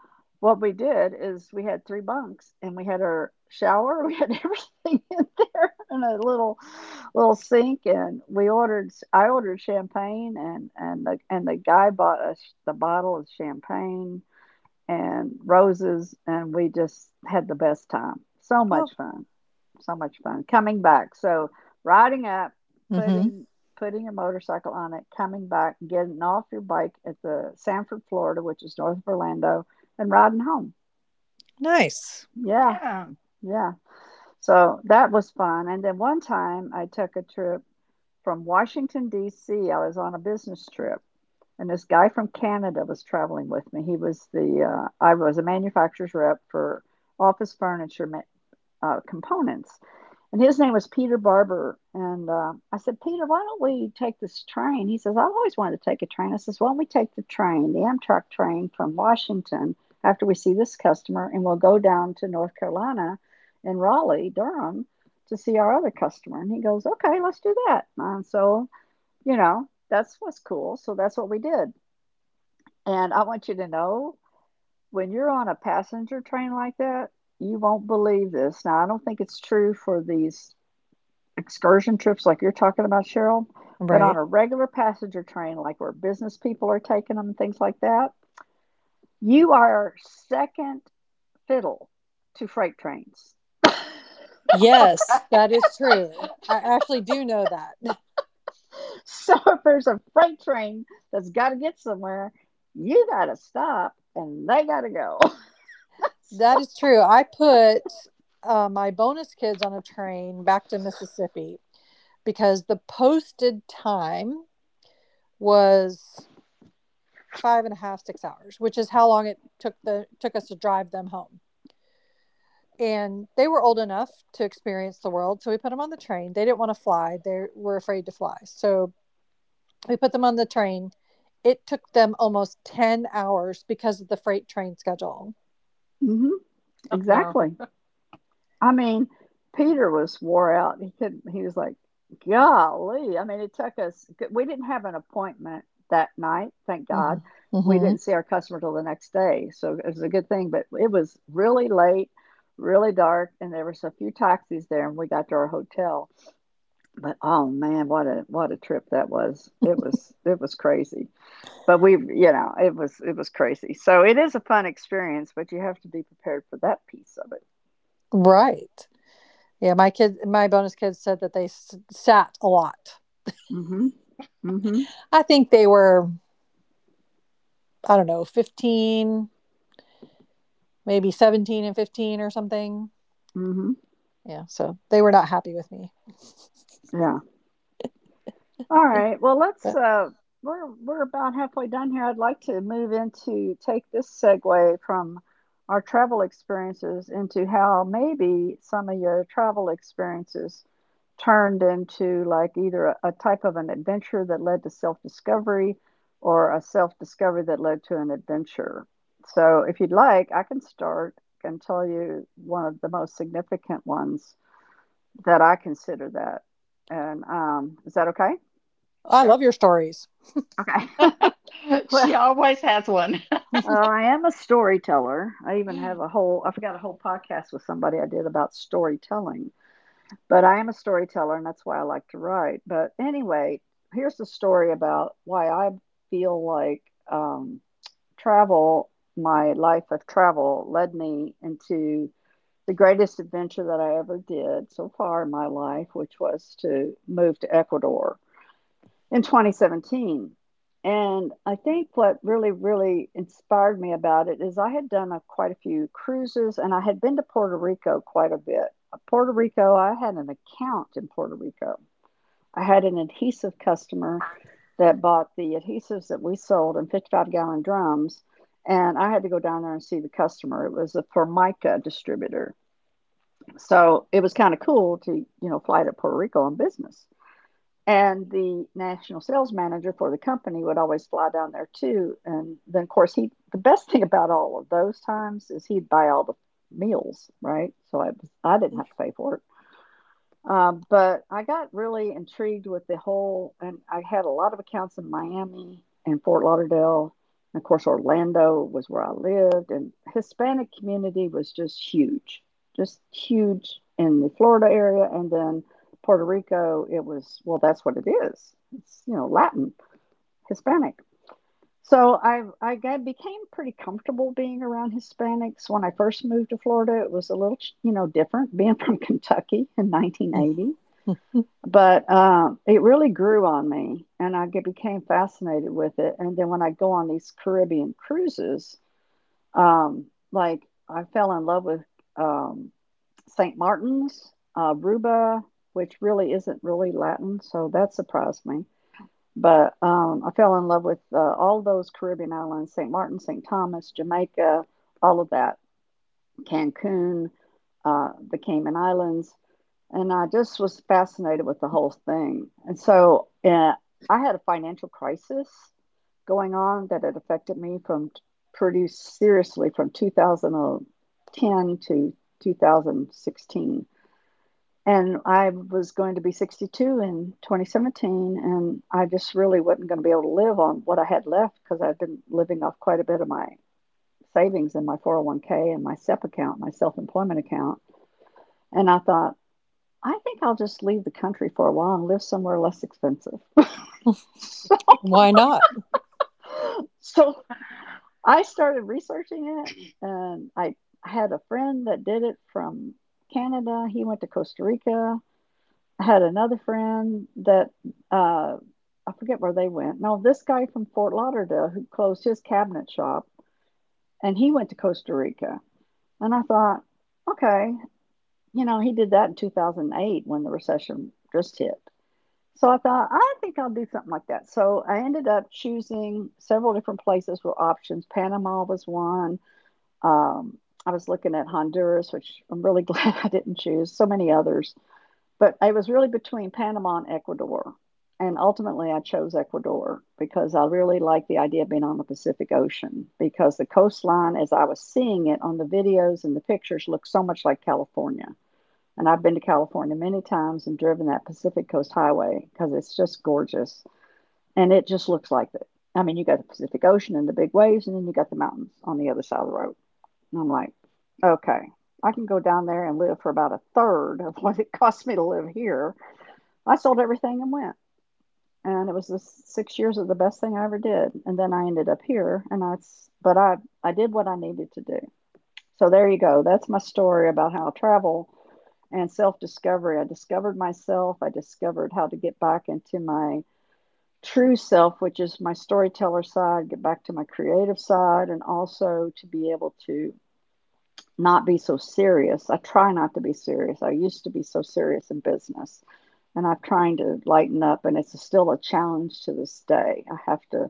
[SPEAKER 1] what we did is we had three bunks and we had our shower, we had <laughs> everything in there and a little little sink and we ordered I ordered champagne and the guy bought us the bottle of champagne and roses and we just had the best time.
[SPEAKER 3] Oh.
[SPEAKER 1] So much fun coming back so riding up
[SPEAKER 3] Mm-hmm.
[SPEAKER 1] putting putting your motorcycle on it coming back getting off your bike at the Sanford Florida, which is north of Orlando, and riding home.
[SPEAKER 3] Nice.
[SPEAKER 1] Yeah.
[SPEAKER 2] yeah.
[SPEAKER 1] Yeah. So that was fun. And then one time I took a trip from Washington D.C. I was on a business trip and this guy from Canada was traveling with me. He was the I was a manufacturer's rep for office furniture ma- components. And his name was Peter Barber. And I said, Peter, why don't we take this train? He says, I've always wanted to take a train. I says, Why don't we take the train, the Amtrak train from Washington after we see this customer, and we'll go down to North Carolina and Raleigh, Durham, to see our other customer. And he goes, Okay, let's do that. And so, you know, that's what's cool. So that's what we did. And I want you to know when you're on a passenger train like that, you won't believe this. Now, I don't think it's true for these excursion trips like you're talking about, Cheryl, but on
[SPEAKER 3] Right.
[SPEAKER 1] a regular passenger train, like where business people are taking them, things like that, you are second fiddle to freight trains.
[SPEAKER 2] Okay.
[SPEAKER 3] Yes, that is
[SPEAKER 2] <laughs>
[SPEAKER 3] true. I actually do know that. <laughs>
[SPEAKER 1] <laughs> So if there's a freight train that's got to get somewhere, you got to stop and they got to go. <laughs>
[SPEAKER 3] That
[SPEAKER 1] so,
[SPEAKER 3] is true. I put my bonus kids on a train back to Mississippi because the posted time was five and a half, 6 hours, which is how long it took the took us to drive them home. And they were old enough to experience the world, so we put them on the train. They didn't want to fly; they were afraid to fly. So we put them on the train. It took them almost 10 hours because of the freight train schedule.
[SPEAKER 1] hmm
[SPEAKER 2] Oh, no.
[SPEAKER 1] exactly. I mean, Peter was wore out. He couldn't, he was like, golly. I mean, we didn't have an appointment that night, thank God.
[SPEAKER 3] Hmm
[SPEAKER 1] We
[SPEAKER 3] hmm
[SPEAKER 1] didn't see our customer till the next day. So it was a good thing, but it was really late, really dark, and there was a few taxis there and we got to our hotel. But oh man, what a trip that was. It was crazy. But it was crazy. So it is a fun experience, but you have to be prepared for that piece of it.
[SPEAKER 3] Right. Yeah, my kids, my bonus kids said that they sat a lot.
[SPEAKER 1] hmm. Mhm.
[SPEAKER 3] I think they were, I don't know, 15, maybe 17 and 15 or something.
[SPEAKER 1] hmm
[SPEAKER 3] Yeah, so they were not happy with me.
[SPEAKER 1] Yeah. All
[SPEAKER 3] <laughs>
[SPEAKER 1] right. Well, let's.
[SPEAKER 3] But
[SPEAKER 1] We're about halfway done here. I'd like to move into take this segue from our travel experiences into how maybe some of your travel experiences turned into like either a type of an adventure that led to self discovery, or a self discovery that led to an adventure. So, if you'd like, I can start and tell you one of the most significant ones that I consider that. And is that okay?
[SPEAKER 3] I
[SPEAKER 2] Sure.
[SPEAKER 3] love your stories.
[SPEAKER 1] Okay. <laughs>
[SPEAKER 2] <laughs>
[SPEAKER 1] well,
[SPEAKER 2] She always has one. <laughs>
[SPEAKER 3] <laughs>
[SPEAKER 1] I am a storyteller. I even have I forgot a whole podcast with somebody I did about storytelling, but I am a storyteller and that's why I like to write. But anyway, here's the story about why I feel like um, travel, my life of travel, led me into the greatest adventure that I ever did so far in my life, which was to move to Ecuador in 2017. And I think what really, really inspired me about it is I had done quite a few cruises and I had been to Puerto Rico quite a bit. Puerto Rico, I had an account in Puerto Rico. I had an adhesive customer that bought the adhesives that we sold in 55-gallon drums. And I had to go down there and see the customer. It was a Formica distributor. So it was kind of cool to, you know, fly to Puerto Rico on business. And the national sales manager for the company would always fly down there too. And then, of course, he the best thing <laughs> about all of those times is he'd buy all the meals, right? So I didn't have to pay for it. But I got really intrigued with the whole, and I had a lot of accounts in Miami and Fort Lauderdale. And of course, Orlando was where I lived, and Hispanic community was just huge in the Florida area. And then Puerto Rico, it was, well, that's what it is. It's, you know, Latin, Hispanic. So became pretty comfortable being around Hispanics. When I first moved to Florida, it was a little, you know, different being <laughs> from Kentucky in 1980, but, it really grew on me, and I get became fascinated with it, and then when I go on these Caribbean cruises, um, like, I fell in love with, um, Saint Martin's, Aruba, which really isn't really Latin, so that surprised me, but, I fell in love with, all those Caribbean islands, Saint Martin, Saint Thomas, Jamaica, all of that, Cancun, the Cayman Islands. And I just was fascinated with the whole thing. And so I had a financial crisis going on that had affected me pretty seriously from 2010 to 2016. And I was going to be 62 in 2017, and I just really wasn't going to be able to live on what I had left because I'd been living off quite a bit of my savings in my 401k and my SEP account, my self employment account. And I thought, I think I'll just leave the country for a while and live somewhere less expensive. <laughs> so,
[SPEAKER 3] Why not?
[SPEAKER 1] so I started researching it, and I had a friend that did it from Canada. He went to Costa Rica. I had another friend that uh, I forget where they went. No, this guy from Fort Lauderdale who closed his cabinet shop, and he went to Costa Rica. And I thought, okay, you know, he did that in 2008 when the recession just hit. So I thought, I think I'll do something like that. So I ended up choosing several different places with options. Panama was one. Um, I was looking at Honduras, which I'm really <laughs> glad I didn't choose, so many others. But I was really between Panama and Ecuador. And ultimately, I chose Ecuador because I really like the idea of being on the Pacific Ocean because the coastline, as I was seeing it on the videos and the pictures, looked so much like California. And I've been to California many times and driven that Pacific Coast Highway because it's just gorgeous. And it just looks like it. I mean, you got the Pacific Ocean and the big waves, and then you got the mountains on the other side of the road. And I'm like, okay, I can go down there and live for about a third of <laughs> what it cost me to live here. I sold everything and went. And it was the 6 years of the best thing I ever did. And then I ended up here, and I did what I needed to do. So there you go. That's my story about how travel and self discovery. I discovered myself. I discovered how to get back into my true self, which is my storyteller side, get back to my creative side, and also to be able to not be so serious. I try not to be serious. I used to be so serious in business, and I'm trying to lighten up, and it's still a challenge to this day.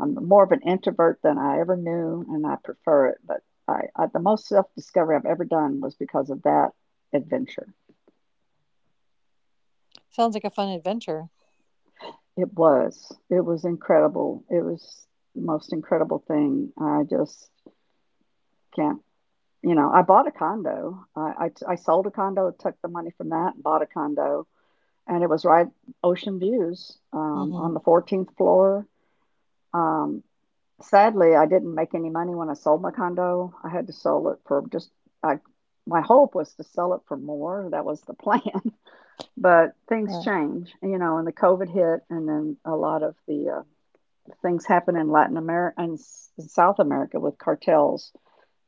[SPEAKER 1] I'm more of an introvert than I ever knew, and I prefer it, but I the most self discovery I've ever done was because of that adventure.
[SPEAKER 3] Sounds like a fun adventure.
[SPEAKER 1] It was. It was incredible. It was the most incredible thing. I just can't, you know, I bought a condo. I sold a condo, took the money from that, and bought a condo. And it was right ocean views
[SPEAKER 3] Mm-hmm.
[SPEAKER 1] on the 14th floor. Um, Sadly, I didn't make any money when I sold my condo. I had to sell it for I, my hope was to sell it for more. That was the plan. <laughs> But
[SPEAKER 3] Right,
[SPEAKER 1] things
[SPEAKER 3] right.
[SPEAKER 1] change, you know, and the COVID hit, and then a lot of the things happen in Latin America and South America with cartels.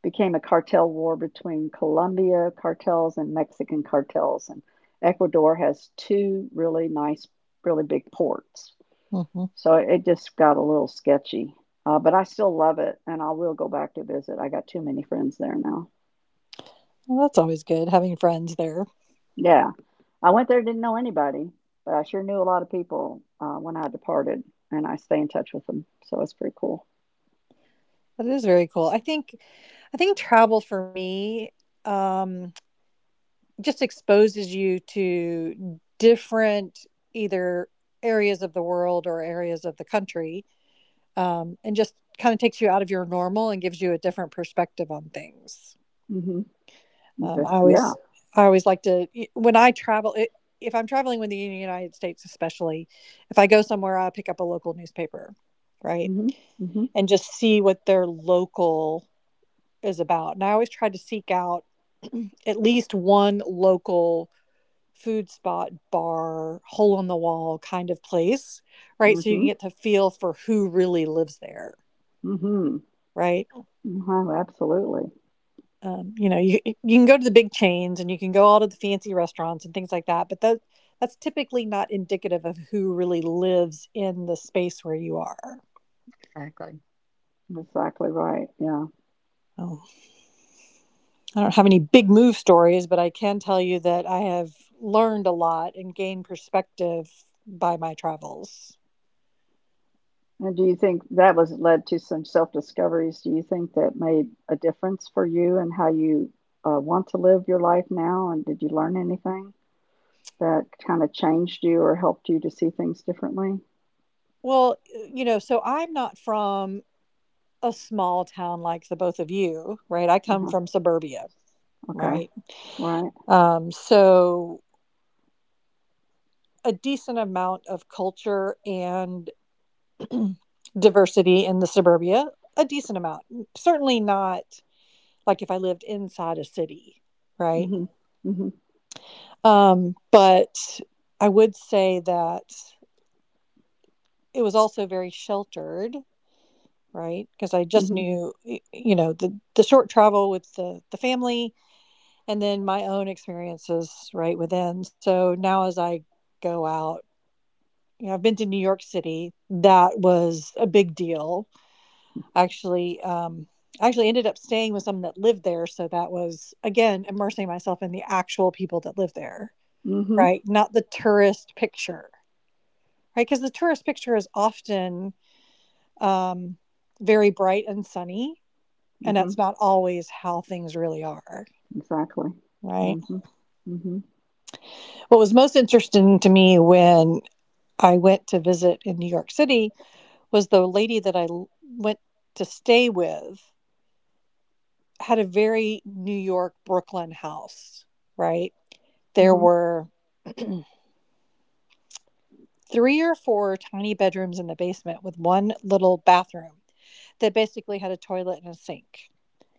[SPEAKER 1] Became a cartel war between Colombia cartels and Mexican cartels, and Ecuador has two really nice, really big ports.
[SPEAKER 3] Mm-hmm.
[SPEAKER 1] So it just got a little sketchy, but I still love it, and I will go back to visit. I got too many friends there now.
[SPEAKER 3] Well, that's always good having friends there.
[SPEAKER 1] Yeah, I went there, didn't know anybody, but I sure knew a lot of people when I departed, and I stay in touch with them. So it's pretty cool.
[SPEAKER 3] That is very cool. I think travel for me um, just exposes you to different either areas of the world or areas of the country, and just kind of takes you out of your normal and gives you a different perspective on things.
[SPEAKER 1] hmm
[SPEAKER 3] Um, I
[SPEAKER 1] yeah.
[SPEAKER 3] always I always like to, when I travel, it, if I'm traveling within the United States, especially if I go somewhere, I pick up a local newspaper, right,
[SPEAKER 1] Mhm, mhm,
[SPEAKER 3] and just see what their local is about. And I always try to seek out <clears throat> at least one local food spot, bar, hole in the wall kind of place, right? So you can
[SPEAKER 1] mhm,
[SPEAKER 3] get to feel for who really lives there,
[SPEAKER 1] mhm.
[SPEAKER 3] right?
[SPEAKER 1] Wow, absolutely.
[SPEAKER 3] You know, you can go to the big chains and you can go out to the fancy restaurants and things like that, but that's typically not indicative of who really lives in the space where you are.
[SPEAKER 2] Exactly.
[SPEAKER 1] Exactly right. Yeah.
[SPEAKER 3] Oh. I don't have any big move stories, but I can tell you that I have learned a lot and gained perspective by my travels.
[SPEAKER 1] And do you think that was led to some self discoveries? Do you think that made a difference for you and how you want to live your life now? And did you learn anything that kind of changed you or helped you to see things differently?
[SPEAKER 3] Well, you know, so I'm not from a small town like the both of you, right? I come
[SPEAKER 1] Uh-huh.
[SPEAKER 3] from suburbia,
[SPEAKER 1] Okay.
[SPEAKER 3] right?
[SPEAKER 1] Right.
[SPEAKER 3] So a decent amount of culture and <clears throat> diversity in the suburbia, a decent amount. Certainly not like if I lived inside a city, right?
[SPEAKER 1] Mhm. Mhm.
[SPEAKER 3] But I would say that it was also very sheltered, right? Because I just
[SPEAKER 1] Mhm.
[SPEAKER 3] knew, you know, the short travel with the family, and then my own experiences right within. So now, as I go out, you know, I've been to New York City. That was a big deal, actually. I actually ended up staying with someone that lived there, so that was again immersing myself in the actual people that live there,
[SPEAKER 1] Mhm.
[SPEAKER 3] right? Not the tourist picture, right? Because the tourist picture is often um, very bright and sunny, and
[SPEAKER 1] Mhm.
[SPEAKER 3] that's not always how things really are,
[SPEAKER 1] Exactly.
[SPEAKER 3] right?
[SPEAKER 1] Mhm. Mhm.
[SPEAKER 3] What was most interesting to me when I went to visit in New York City was the lady that I went to stay with had a very New York Brooklyn house, right? There
[SPEAKER 1] Mhm.
[SPEAKER 3] were <clears throat> three or four tiny bedrooms in the basement with one little bathroom that basically had a toilet and a sink.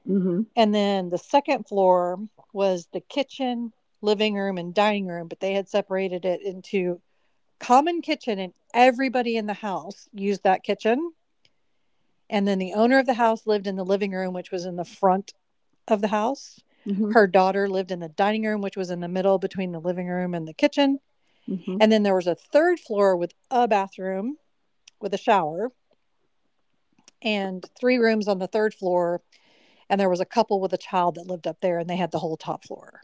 [SPEAKER 1] Mhm.
[SPEAKER 3] And then the second floor was the kitchen, living room, and dining room, but they had separated it into common kitchen, and everybody in the house used that kitchen. And then the owner of the house lived in the living room, which was in the front of the house.
[SPEAKER 1] Mhm.
[SPEAKER 3] Her daughter lived in the dining room, which was in the middle between the living room and the kitchen.
[SPEAKER 1] Mhm.
[SPEAKER 3] And then there was a third floor with a bathroom with a shower and three rooms on the third floor. And there was a couple with a child that lived up there, and they had the whole top floor.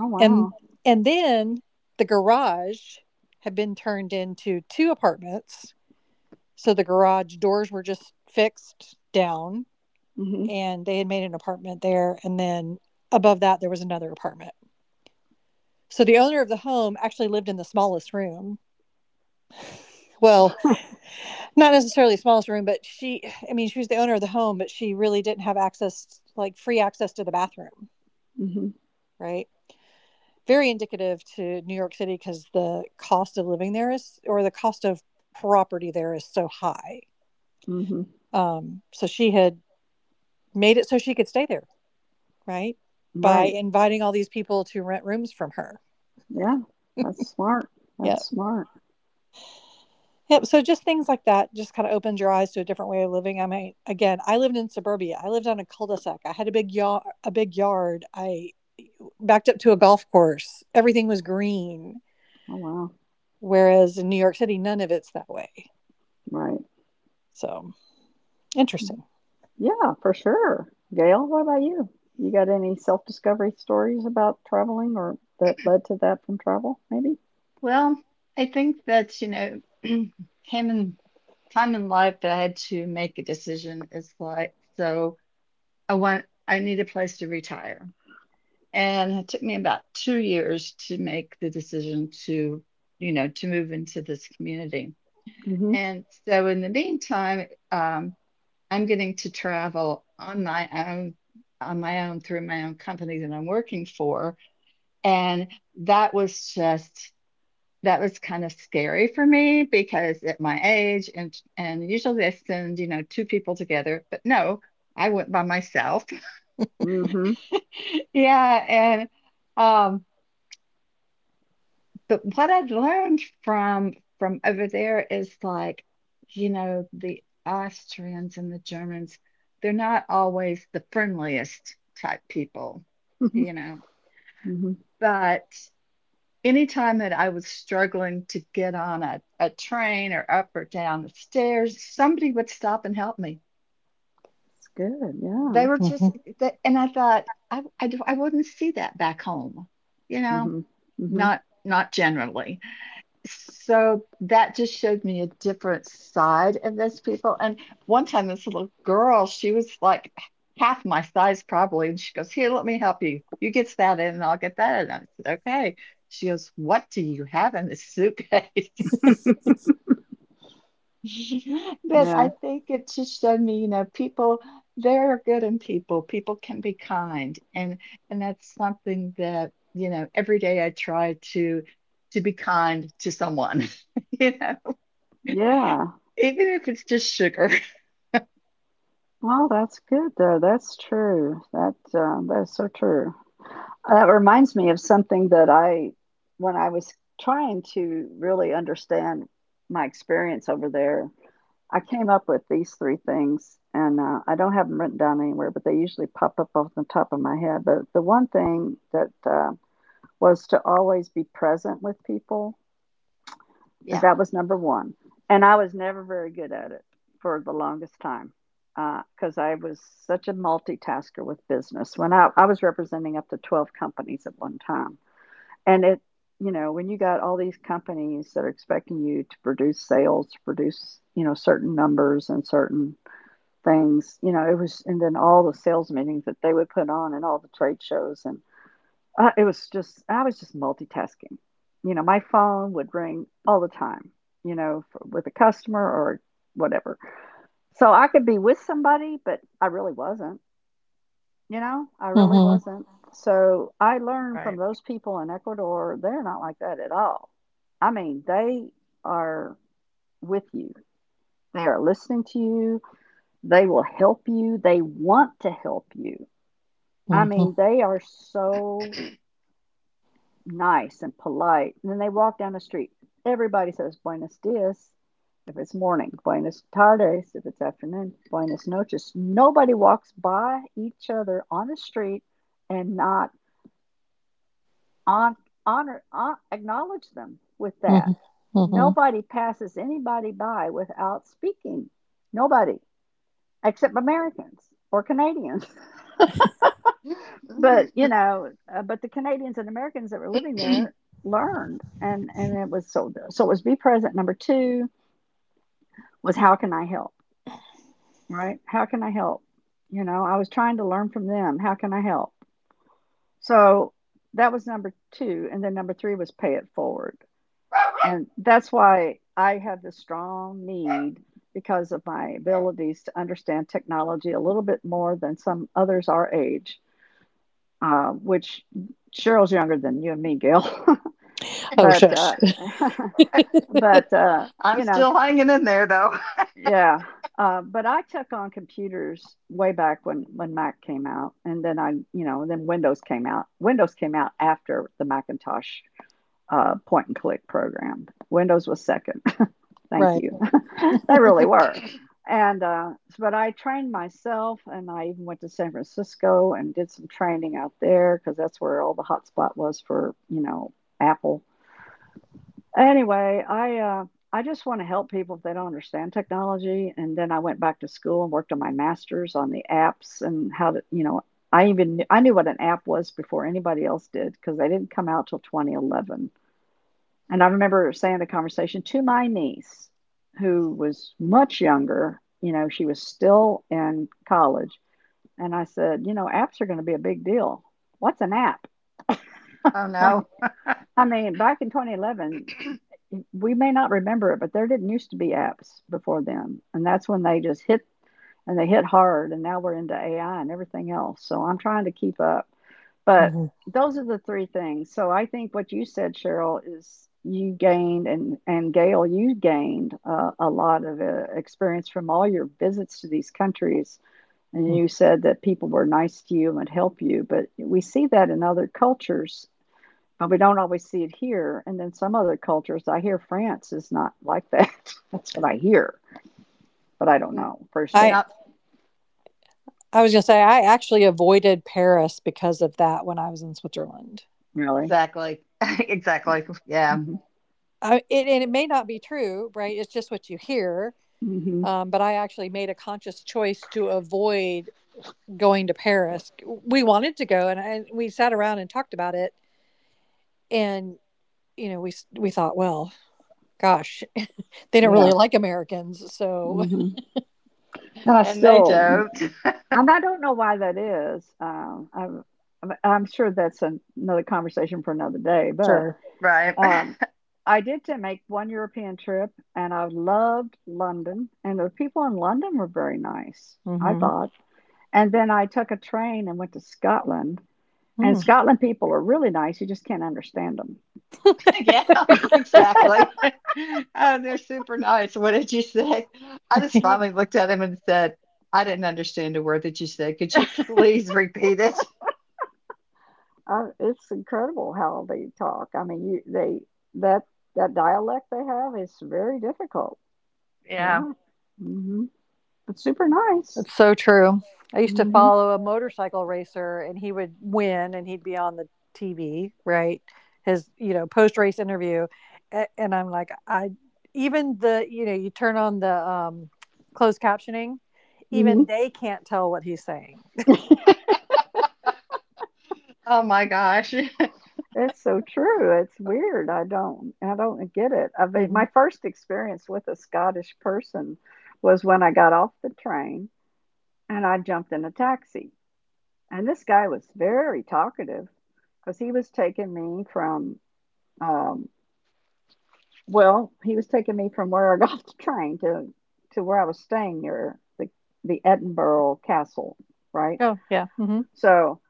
[SPEAKER 1] Oh
[SPEAKER 3] and
[SPEAKER 1] wow.
[SPEAKER 3] and then the garage had been turned into two apartments, so the garage doors were just fixed down,
[SPEAKER 1] Mhm.
[SPEAKER 3] and they had made an apartment there, and then above that there was another apartment. So the owner of the home actually lived in the smallest room, well,
[SPEAKER 1] <laughs>
[SPEAKER 3] not necessarily the smallest room, but she, I mean, she was the owner of the home, but she really didn't have access, like free access to the bathroom,
[SPEAKER 1] Mhm,
[SPEAKER 3] right? Very indicative to New York City because the cost of living there is, or the cost of property there is so high.
[SPEAKER 1] mhm.
[SPEAKER 3] So she had made it so she could stay there, right? By
[SPEAKER 1] Right.
[SPEAKER 3] inviting all these people to rent rooms from her.
[SPEAKER 1] Yeah, that's smart. That's
[SPEAKER 3] Yep.
[SPEAKER 1] smart.
[SPEAKER 3] Yep. So just things like that just kind of opened your eyes to a different way of living. I mean, again, I lived in suburbia. I lived on a cul-de-sac. I had a big yard, a big yard. I backed up to a golf course. Everything was green.
[SPEAKER 1] Oh, wow.
[SPEAKER 3] Whereas in New York City, none of it's that way.
[SPEAKER 1] Right.
[SPEAKER 3] So interesting.
[SPEAKER 1] Yeah, for sure. Gail, what about you? You got any self-discovery stories about traveling or that led to that from travel, maybe?
[SPEAKER 2] Well, I think that, <clears throat> came in time in life that I had to make a decision. It's like, so I need a place to retire. And it took me about 2 years to make the decision to move into this community.
[SPEAKER 1] Mhm.
[SPEAKER 2] And so in the meantime, I'm getting to travel on my own through my own company that I'm working for. And that was just, that was kind of scary for me because at my age and usually I send, you know, two people together, but no, I went by myself. <laughs>
[SPEAKER 1] Mhm.
[SPEAKER 2] Yeah, and um, but what I'd learned from over there is like, the Austrians and the Germans, they're not always the friendliest type people, you
[SPEAKER 3] Mm-hmm.
[SPEAKER 2] know.
[SPEAKER 1] Mhm.
[SPEAKER 2] But anytime that I was struggling to get on a train or up or down the stairs, somebody would stop and help me.
[SPEAKER 1] It's good.
[SPEAKER 2] They
[SPEAKER 1] Yeah.
[SPEAKER 2] were just,
[SPEAKER 3] Mm-hmm.
[SPEAKER 2] they, and I thought, I wouldn't see that back home, you know,
[SPEAKER 1] Mhm. Mhm.
[SPEAKER 2] not generally. So that just showed me a different side of those people. And one time, this little girl, she was like half my size probably, and she goes, "Here, let me help you. You get that in, and I'll get that in." I said, "Okay." She goes, "What do you have in this suitcase?" <laughs> But
[SPEAKER 1] Yeah.
[SPEAKER 2] I think it just showed me, people there are good in people. People can be kind, and that's something that every day I try to be kind to someone. <laughs> you know
[SPEAKER 1] Yeah.
[SPEAKER 2] Even if it's just sugar.
[SPEAKER 1] Well, that's good though. That's true. That is so true. That reminds me of something that I when I was trying to really understand my experience over there, I came up with these 3 things, and, I don't have them written down anywhere, but they usually pop up off the top of my head, but the one thing that, was to always be present with people, and
[SPEAKER 2] Yeah,
[SPEAKER 1] that was number 1, and I was never very good at it for the longest time, because I was such a multitasker with business. When I was representing up to 12 companies at one time. And you know, when you got all these companies that are expecting you to produce sales, to produce, you know, certain numbers and certain things, you know, and then all the sales meetings that they would put on and all the trade shows. And I was just multitasking. You know, my phone would ring all the time, for, with a customer or whatever. So I could be with somebody, but I really wasn't. You know, I really
[SPEAKER 3] Mm-hmm.
[SPEAKER 1] wasn't. So I learned from
[SPEAKER 2] right.
[SPEAKER 1] those people in Ecuador, they're not like that at all. I mean, they are with you, they are listening to you, they will help you, they want to help you. I
[SPEAKER 3] Mm-hmm.
[SPEAKER 1] mean,
[SPEAKER 2] <laughs>
[SPEAKER 1] they are so nice and polite. And then they walk down the street. Everybody says buenos dias if it's morning, buenos tardes if it's afternoon, buenos noches. Nobody walks by each other on the street and not on, honor, acknowledge them with that.
[SPEAKER 3] hmm
[SPEAKER 1] Nobody passes anybody by without speaking. Nobody, except Americans or Canadians. <laughs> but you
[SPEAKER 2] Mhm.
[SPEAKER 1] know, uh, but the Canadians and Americans that were living
[SPEAKER 2] Mhm.
[SPEAKER 1] there learned, and it was so it was be present. Number two was, how can I help? Right? How can I help? You know, I was trying to learn from them. How can I help? So that was number two, and then number three was pay it forward. And that's why I have this strong need because of my abilities to understand technology a little bit more than some others our age, which Cheryl's younger than you and me, Gail. <laughs>
[SPEAKER 3] Oh,
[SPEAKER 1] but,
[SPEAKER 3] shush.
[SPEAKER 1] uh, <laughs>
[SPEAKER 3] <laughs>
[SPEAKER 1] but, uh,
[SPEAKER 2] <clears throat> I'm
[SPEAKER 1] you know,
[SPEAKER 2] still hanging in there though.
[SPEAKER 1] yeah. But I took on computers way back when Mac came out, and then I then Windows came out. Windows came out after the Macintosh point and click program. Windows was second. Thank
[SPEAKER 3] right.
[SPEAKER 1] you. <laughs>
[SPEAKER 3] <laughs>
[SPEAKER 1] They really were. And but I trained myself, and I even went to San Francisco and did some training out there because that's where all the hotspot was for, you know, Apple. Anyway, I just want to help people if they don't understand technology. And then I went back to school and worked on my master's on the apps and how to, you know, I knew what an app was before anybody else did because they didn't come out till 2011. And I remember saying the conversation to my niece, who was much younger. You know, she was still in college. And I said, you know, apps are going to be a big deal. What's an app? <laughs>
[SPEAKER 2] Oh
[SPEAKER 1] Like,
[SPEAKER 2] no.
[SPEAKER 1] I
[SPEAKER 2] <laughs>
[SPEAKER 1] mean, back in 2011, we may not remember it, but there didn't used to be apps before then. And that's when they just hit and they hit hard and now we're into AI and everything else. So I'm trying to keep up. But
[SPEAKER 3] hmm
[SPEAKER 1] those are the three things. So I think what you said, Cheryl, is you gained and Gail, you gained a lot of experience from all your visits to these countries, and you said that people were nice to you and would help you. But we see that in other cultures, but we don't always see it here. And then some other cultures, I hear France is not like that. <laughs> That's what I hear, but I don't
[SPEAKER 2] N-
[SPEAKER 1] know
[SPEAKER 3] I
[SPEAKER 1] firsthand,
[SPEAKER 2] Not
[SPEAKER 3] I was gonna say I actually avoided Paris because of that when I was in Switzerland.
[SPEAKER 1] really.
[SPEAKER 2] exactly. <laughs> Exactly. Yeah.
[SPEAKER 1] Mm-hmm.
[SPEAKER 3] And it may not be true, right? It's just what you hear.
[SPEAKER 1] Hmm.
[SPEAKER 3] But I actually made a conscious choice to avoid going to Paris. We wanted to go, and we sat around and talked about it. And you know, we thought, well, gosh, <laughs> they don't really
[SPEAKER 1] Yeah.
[SPEAKER 3] like Americans, so
[SPEAKER 1] Hmm. I
[SPEAKER 2] And they
[SPEAKER 1] still,
[SPEAKER 2] don't.
[SPEAKER 1] and I don't know why that is. I'm sure that's an, another conversation for another day. But
[SPEAKER 3] sure.
[SPEAKER 2] Right.
[SPEAKER 1] um,
[SPEAKER 2] <laughs>
[SPEAKER 1] I did to make one European trip, and I loved London, and the people in London were very nice, I
[SPEAKER 3] Mm-hmm.
[SPEAKER 1] thought. And then I took a train and went to Scotland, and
[SPEAKER 3] Hmm.
[SPEAKER 1] Scotland people are really nice. You just can't understand them.
[SPEAKER 2] Yeah, <laughs> exactly. <laughs> Oh, they're super nice. What did you say? I just finally looked at him and said, I didn't understand a word that you said. Could you please repeat it?
[SPEAKER 1] It's incredible how they talk. I mean, you they that that dialect they have is very difficult.
[SPEAKER 2] Yeah.
[SPEAKER 1] Yeah. Mhm. It's super nice.
[SPEAKER 3] It's so true. I used to
[SPEAKER 1] Mhm.
[SPEAKER 3] follow a motorcycle racer and he would win and he'd be on the TV, right? His, you know, post race interview. And I'm like, even the, you know, you turn on the closed captioning,
[SPEAKER 1] Mhm.
[SPEAKER 3] even they can't tell what he's saying.
[SPEAKER 2] Oh my gosh.
[SPEAKER 1] It's so true. It's weird. I don't get it. I mean,
[SPEAKER 3] Hmm
[SPEAKER 1] my first experience with a Scottish person was when I got off the train and I jumped in a taxi. And this guy was very talkative because he was taking me from um, well, he was taking me from where I got <laughs> off the train to where I was staying near the Edinburgh Castle, right?
[SPEAKER 3] Oh, yeah. hmm
[SPEAKER 1] So,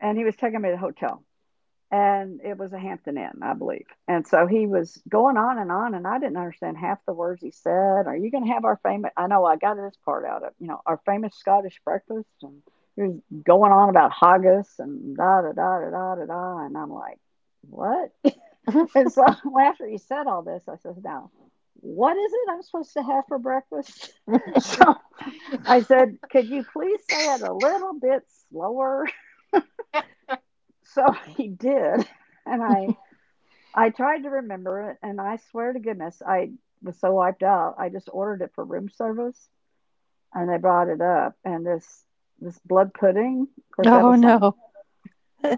[SPEAKER 1] and he was taking me to the hotel and it was a Hampton Inn, I believe. And so he was going on, and I didn't understand half the words he said. Are you going to have our famous? I know I got this part out of, you know, our famous Scottish breakfast, and he was going on about haggis and da da da da da da da, and I'm like, what? <laughs>
[SPEAKER 3] Mhm.
[SPEAKER 1] And so <laughs> after he said all this, I said, now. What is it I'm supposed to have for breakfast? <laughs> So I
[SPEAKER 2] <laughs>
[SPEAKER 1] said, could you please say it a little bit slower? <laughs> So he did. And I tried to remember it, and I swear to goodness, I was so wiped out. I just ordered it for room service, and they brought it up. And this blood pudding, of course, that
[SPEAKER 3] Oh,
[SPEAKER 1] was something.
[SPEAKER 3] no.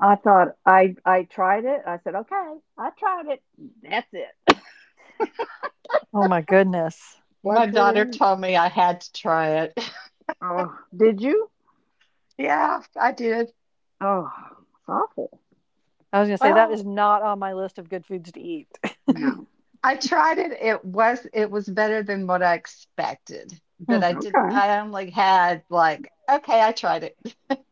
[SPEAKER 1] I thought I I tried it. I said, okay, I tried it. That's it.
[SPEAKER 3] Oh, my goodness.
[SPEAKER 2] My
[SPEAKER 1] Blood
[SPEAKER 2] daughter
[SPEAKER 1] pudding.
[SPEAKER 2] told me I had to try it. <laughs>
[SPEAKER 1] Oh, did you?
[SPEAKER 2] Yeah, I did.
[SPEAKER 1] Oh, it's awful.
[SPEAKER 3] I was going to say, that
[SPEAKER 2] Well,
[SPEAKER 3] is not on my list of good foods to eat. <laughs>
[SPEAKER 2] <clears throat>
[SPEAKER 1] No.
[SPEAKER 2] I tried it. It was better than what I expected,
[SPEAKER 3] Hmm,
[SPEAKER 2] but
[SPEAKER 1] Okay.
[SPEAKER 2] I only had like okay, I tried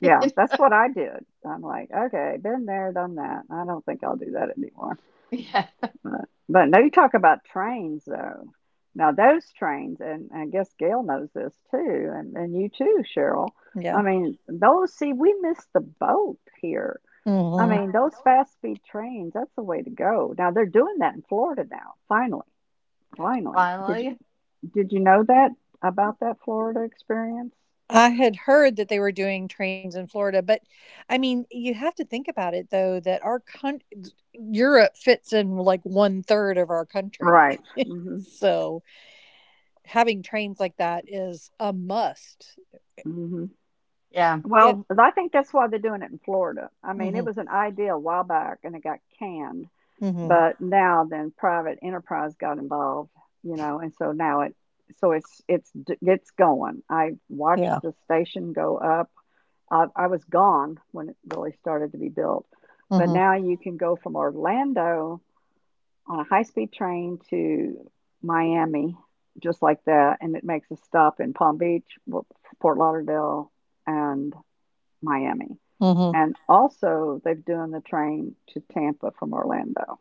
[SPEAKER 1] Yeah, that's what I did. I'm like, okay, been there, done that. I don't think I'll do that anymore.
[SPEAKER 2] <laughs> Yeah,
[SPEAKER 1] But, but now you talk about trains, though. Now those trains, and I guess Gail knows this too, and you too, Cheryl.
[SPEAKER 3] yeah.
[SPEAKER 1] I mean, those, see, we missed the boat here. I mean, those fast speed trains, that's the way to go. Now they're doing that in Florida now, finally. Finally.
[SPEAKER 2] finally.
[SPEAKER 1] Did you know that about that Florida experience?
[SPEAKER 3] I had heard that they were doing trains in Florida, but I mean, you have to think about it though that our coun Europe fits in like one third of our country.
[SPEAKER 1] Right.
[SPEAKER 3] <laughs>
[SPEAKER 1] Hmm.
[SPEAKER 3] So, having trains like that is a must.
[SPEAKER 1] Hmm.
[SPEAKER 2] Yeah,
[SPEAKER 1] Well,
[SPEAKER 3] In
[SPEAKER 1] I think that's why they're doing it in Florida. I mean, it
[SPEAKER 3] Mhm,
[SPEAKER 1] was an idea a while back and it got canned.
[SPEAKER 3] mhm,
[SPEAKER 1] But now then private enterprise got involved, you know, and so now it so it's it's going. I watched
[SPEAKER 3] yeah,
[SPEAKER 1] the station go up. I was gone when it really started to be built, but
[SPEAKER 3] mhm,
[SPEAKER 1] now you can go from Orlando on a high speed train to Miami just like that, and it makes a stop in Palm Beach, Fort Lauderdale, and Miami.
[SPEAKER 3] mhm.
[SPEAKER 1] And also, they've done the train to Tampa from Orlando.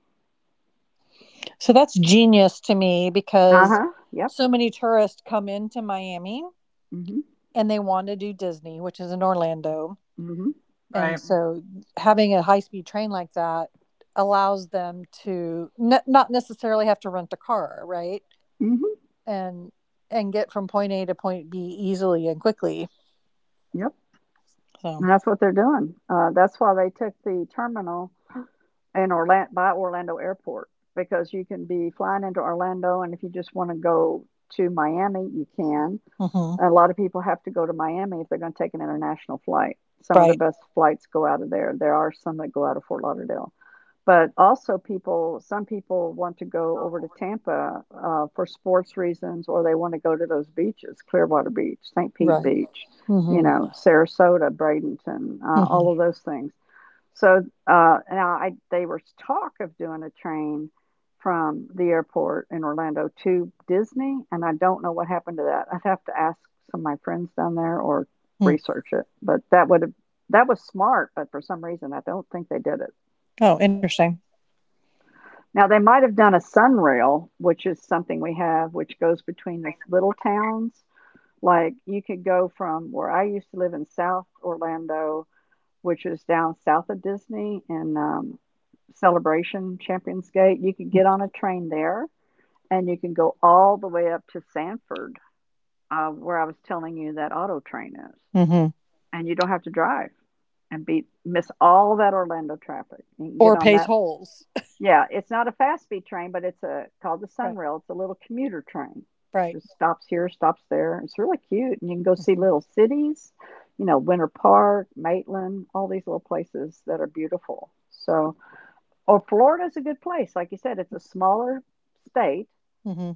[SPEAKER 3] So that's genius to me
[SPEAKER 1] Uh
[SPEAKER 3] because
[SPEAKER 1] huh. Yep.
[SPEAKER 3] so many tourists come into Miami
[SPEAKER 1] Mhm.
[SPEAKER 3] and they want to do Disney, which is in Orlando.
[SPEAKER 1] Mhm.
[SPEAKER 3] And
[SPEAKER 2] right.
[SPEAKER 3] so having a high speed train like that allows them to not necessarily have to rent a car, right?
[SPEAKER 1] Mhm.
[SPEAKER 3] And get from point A to point B easily and quickly.
[SPEAKER 1] Yep.
[SPEAKER 3] So,
[SPEAKER 1] And that's what they're doing. That's why they took the terminal in Orlando by Orlando Airport because you can be flying into Orlando, and if you just want to go to Miami, you can.
[SPEAKER 3] mhm.
[SPEAKER 1] A lot of people have to go to Miami if they're going to take an international flight. Some of the
[SPEAKER 3] Right,
[SPEAKER 1] best flights go out of there. There are some that go out of Fort Lauderdale. But also, some people want to go over to Tampa for sports reasons, or they want to go to those beaches, Clearwater Beach, St. Pete
[SPEAKER 3] right.
[SPEAKER 1] Beach, you
[SPEAKER 3] Mhm.
[SPEAKER 1] know, Sarasota, Bradenton,
[SPEAKER 3] Mhm.
[SPEAKER 1] all of those things. So they were talk of doing a train from the airport in Orlando to Disney, and I don't know what happened to that. I'd have to ask some of my friends down there or
[SPEAKER 3] Mm.
[SPEAKER 1] research it. But that would have that was smart, but for some reason I don't think they did it.
[SPEAKER 3] Oh, interesting.
[SPEAKER 1] Now they might have done a sunrail, which is something we have, which goes between the little towns. Like you could go from where I used to live in South Orlando, which is down south of Disney in Celebration Champions Gate. You could get on a train there, and you can go all the way up to Sanford, where I was telling you that auto train is,
[SPEAKER 3] Mhm.
[SPEAKER 1] and you don't have to drive and beat miss all that Orlando traffic. You can get
[SPEAKER 3] Or
[SPEAKER 1] on
[SPEAKER 3] pays
[SPEAKER 1] that.
[SPEAKER 3] holes. <laughs>
[SPEAKER 1] Yeah, it's not a fast speed train, but it's a called the
[SPEAKER 3] Right,
[SPEAKER 1] Sunrail. It's a little commuter train.
[SPEAKER 3] right.
[SPEAKER 1] Just stops here, stops there. It's really cute, and you can go see
[SPEAKER 3] Mhm.
[SPEAKER 1] little cities, you know, Winter Park, Maitland, all these little places that are beautiful. So, or Florida's a good place. Like you said, it's a smaller state,
[SPEAKER 3] Mhm.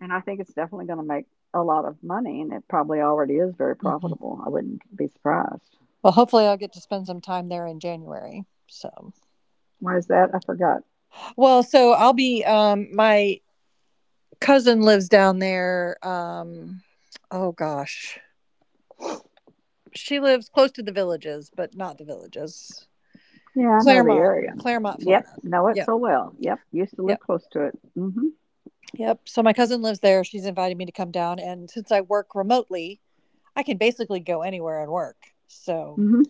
[SPEAKER 1] and I think it's definitely going to make a lot of money, and it probably already is very
[SPEAKER 3] Mhm.
[SPEAKER 1] profitable. I wouldn't be surprised.
[SPEAKER 3] Well, hopefully I'll get to spend some time there in January. So,
[SPEAKER 1] Why is that? I forgot.
[SPEAKER 3] well, so I'll be, um, my cousin lives down there. Oh gosh, she lives close to the villages, but not the villages.
[SPEAKER 1] Yeah, I know the
[SPEAKER 3] Claremont,
[SPEAKER 1] area.
[SPEAKER 3] Claremont,
[SPEAKER 1] Yep,
[SPEAKER 3] Florida.
[SPEAKER 1] know it
[SPEAKER 3] Yep,
[SPEAKER 1] so well. Yep, used to live
[SPEAKER 3] yep,
[SPEAKER 1] close to it. Hmm.
[SPEAKER 3] yep. So my cousin lives there. She's invited me to come down, and since I work remotely, I can basically go anywhere and work. So
[SPEAKER 1] Mhm,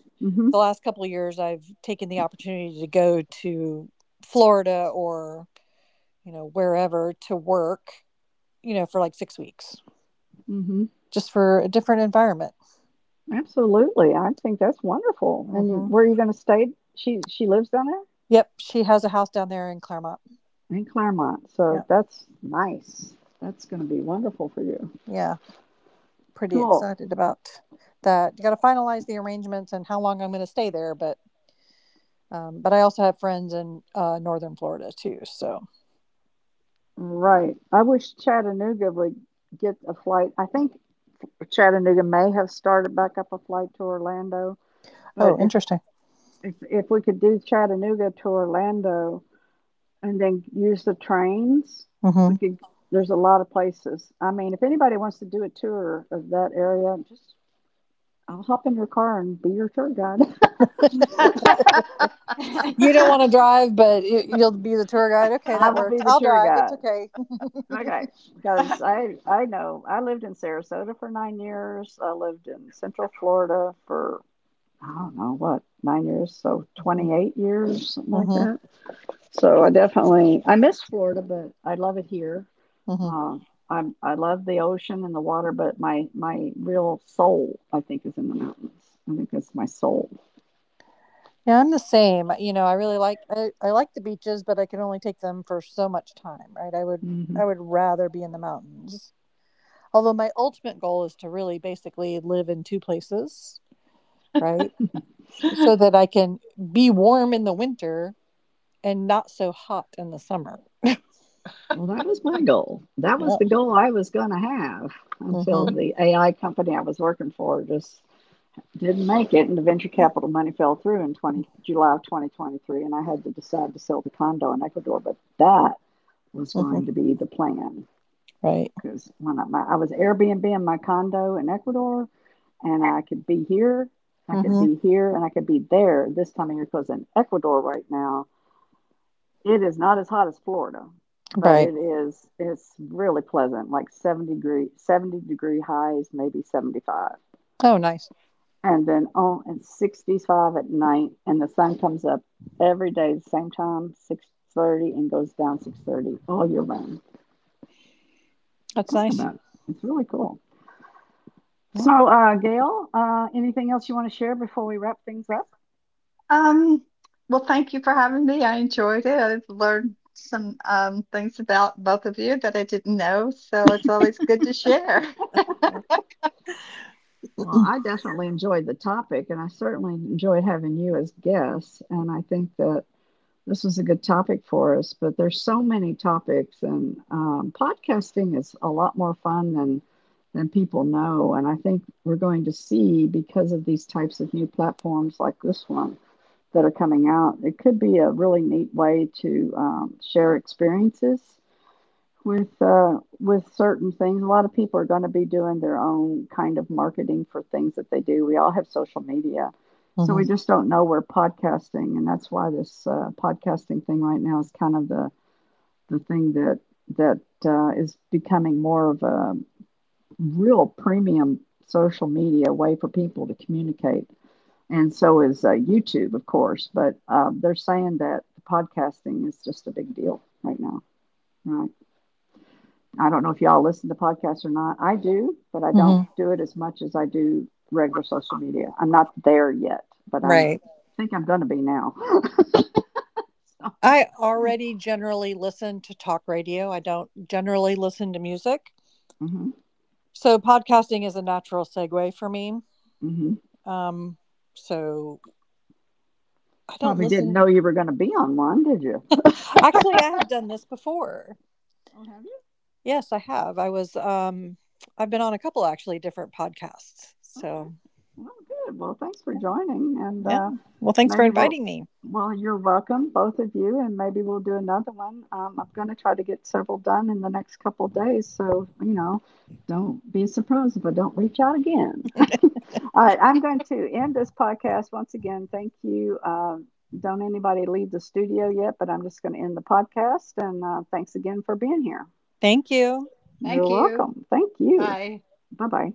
[SPEAKER 3] the
[SPEAKER 1] mhm,
[SPEAKER 3] last couple of years, I've taken the opportunity to go to Florida or you know wherever to work. You know, for like 6 weeks,
[SPEAKER 1] mhm.
[SPEAKER 3] just for a different environment.
[SPEAKER 1] Absolutely, I think that's wonderful, and you,
[SPEAKER 3] Mm-hmm.
[SPEAKER 1] where are you gonna stay? She lives down there?
[SPEAKER 3] Yep, she has a house down there in Claremont.
[SPEAKER 1] In Claremont, so
[SPEAKER 3] Yep.
[SPEAKER 1] that's nice. That's gonna be wonderful for you.
[SPEAKER 3] Yeah, pretty
[SPEAKER 1] Cool.
[SPEAKER 3] excited about that. You got to finalize the arrangements and how long I'm going to stay there, but I also have friends in northern Florida too. So,
[SPEAKER 1] Right. I wish Chattanooga would get a flight. I think Chattanooga may have started back up a flight to Orlando, but
[SPEAKER 3] oh,
[SPEAKER 1] if
[SPEAKER 3] interesting.
[SPEAKER 1] if if we could do Chattanooga to Orlando and then use the trains. We
[SPEAKER 3] Hmm
[SPEAKER 1] could, there's a lot of places. I mean, if anybody wants to do a tour of that area, just I'll hop in your car and be your tour guide. <laughs>
[SPEAKER 3] You don't want to
[SPEAKER 2] <laughs>
[SPEAKER 3] drive, but you'll be the tour guide. Okay,
[SPEAKER 1] I
[SPEAKER 3] that
[SPEAKER 1] will be
[SPEAKER 3] works.
[SPEAKER 1] the
[SPEAKER 3] I'll
[SPEAKER 1] tour
[SPEAKER 3] drive. That's
[SPEAKER 1] guide.
[SPEAKER 3] okay.
[SPEAKER 1] Okay, because I know I lived in Sarasota for 9 years. I lived in Central Florida for I don't know what 9 years, so 28 years, something like
[SPEAKER 3] hmm
[SPEAKER 1] that. So I definitely I miss Florida, but I love it here.
[SPEAKER 3] hmm
[SPEAKER 1] Uh, I love the ocean and the water, but my real soul I think is in the mountains. I think that's my soul.
[SPEAKER 3] Yeah, I'm the same. You know, I really like, I like the beaches, but I can only take them for so much time, right?
[SPEAKER 1] Hmm.
[SPEAKER 3] I would rather be in the mountains. Although my ultimate goal is to really basically live in two places, right? So that I can be warm in the winter and not so hot in the summer.
[SPEAKER 1] Well, that was my goal. That was
[SPEAKER 3] Yeah.
[SPEAKER 1] the goal I was going to have until
[SPEAKER 3] Mhm.
[SPEAKER 1] the AI company I was working for just didn't make it, and the venture
[SPEAKER 3] mm
[SPEAKER 1] capital money fell through in 20 July of 2023, and I had to decide to sell the condo in Ecuador. But that was
[SPEAKER 3] Mhm.
[SPEAKER 1] going to be the plan,
[SPEAKER 3] Right.
[SPEAKER 1] because I was Airbnb in my condo in Ecuador, and I could be here,
[SPEAKER 3] mm Mhm.
[SPEAKER 1] and I could be there this time of year, because in Ecuador right now it is not as hot as Florida, but
[SPEAKER 3] Right.
[SPEAKER 1] it's really pleasant, like 70-degree highs, maybe 75,
[SPEAKER 3] Oh, nice.
[SPEAKER 1] and then on and 65 at night, and the sun comes up every day the same time, 6:30, and goes down 6:30 all year round.
[SPEAKER 3] That's
[SPEAKER 1] Talk
[SPEAKER 3] nice.
[SPEAKER 1] about it, it's really cool.
[SPEAKER 3] Mm.
[SPEAKER 1] So, Gail, anything else you want to share before we wrap things up?
[SPEAKER 2] Um, well, thank you for having me. I enjoyed it. I've learned some things about both of you that I didn't know, so it's always good to share.
[SPEAKER 1] Well,
[SPEAKER 3] Mhm.
[SPEAKER 1] I definitely enjoyed the topic, and I certainly enjoyed having you as guests. And I think that this was a good topic for us. But there's so many topics, and podcasting is a lot more fun than people know. And I think we're going to see, because of these types of new platforms like this one that are coming out, it could be a really neat way to share experiences with certain things. A lot of people are going to be doing their own kind of marketing for things that they do. We all have social media, so we
[SPEAKER 3] mm
[SPEAKER 1] just don't know we're podcasting, and that's why this podcasting thing right now is kind of the thing that that is becoming more of a real premium social media way for people to communicate. And so is YouTube, of course, but they're saying that podcasting is just a big deal right now, right? I don't know if y'all listen to podcasts or not. I do, but I don't
[SPEAKER 3] Mhm.
[SPEAKER 1] do it as much as I do regular social media. I'm not there yet, but I'm
[SPEAKER 3] Right.
[SPEAKER 1] I think I'm going to be now. <laughs> So,
[SPEAKER 3] I already generally listen to talk radio. I don't generally listen to music.
[SPEAKER 1] hmm
[SPEAKER 3] So podcasting is a natural segue for me.
[SPEAKER 1] hmm
[SPEAKER 3] Um, so I don't
[SPEAKER 1] probably didn't know
[SPEAKER 3] listen.
[SPEAKER 1] you were going to be on one, did you?
[SPEAKER 3] <laughs> Actually, I have done this before.
[SPEAKER 1] Oh, have you?
[SPEAKER 3] Yes, I have. I've been on a couple actually different podcasts.
[SPEAKER 1] Okay.
[SPEAKER 3] So,
[SPEAKER 1] Well, good. Well, thanks for
[SPEAKER 3] yeah.
[SPEAKER 1] joining, and
[SPEAKER 3] Yeah. Well, thanks for
[SPEAKER 1] maybe we'll.
[SPEAKER 3] inviting me.
[SPEAKER 1] Well, you're welcome, both of you, and maybe we'll do another one. I'm going to try to get several done in the next couple days, so you know, don't be surprised if I don't reach out again. <laughs> All right, I'm going to end this podcast once again. Thank you. Don't anybody leave the studio yet, but I'm just going to end the podcast. And thanks again for being here.
[SPEAKER 3] Thank you.
[SPEAKER 2] <laughs>
[SPEAKER 1] You're
[SPEAKER 2] Thank you.
[SPEAKER 1] welcome. Thank you.
[SPEAKER 2] Bye.
[SPEAKER 1] Bye bye.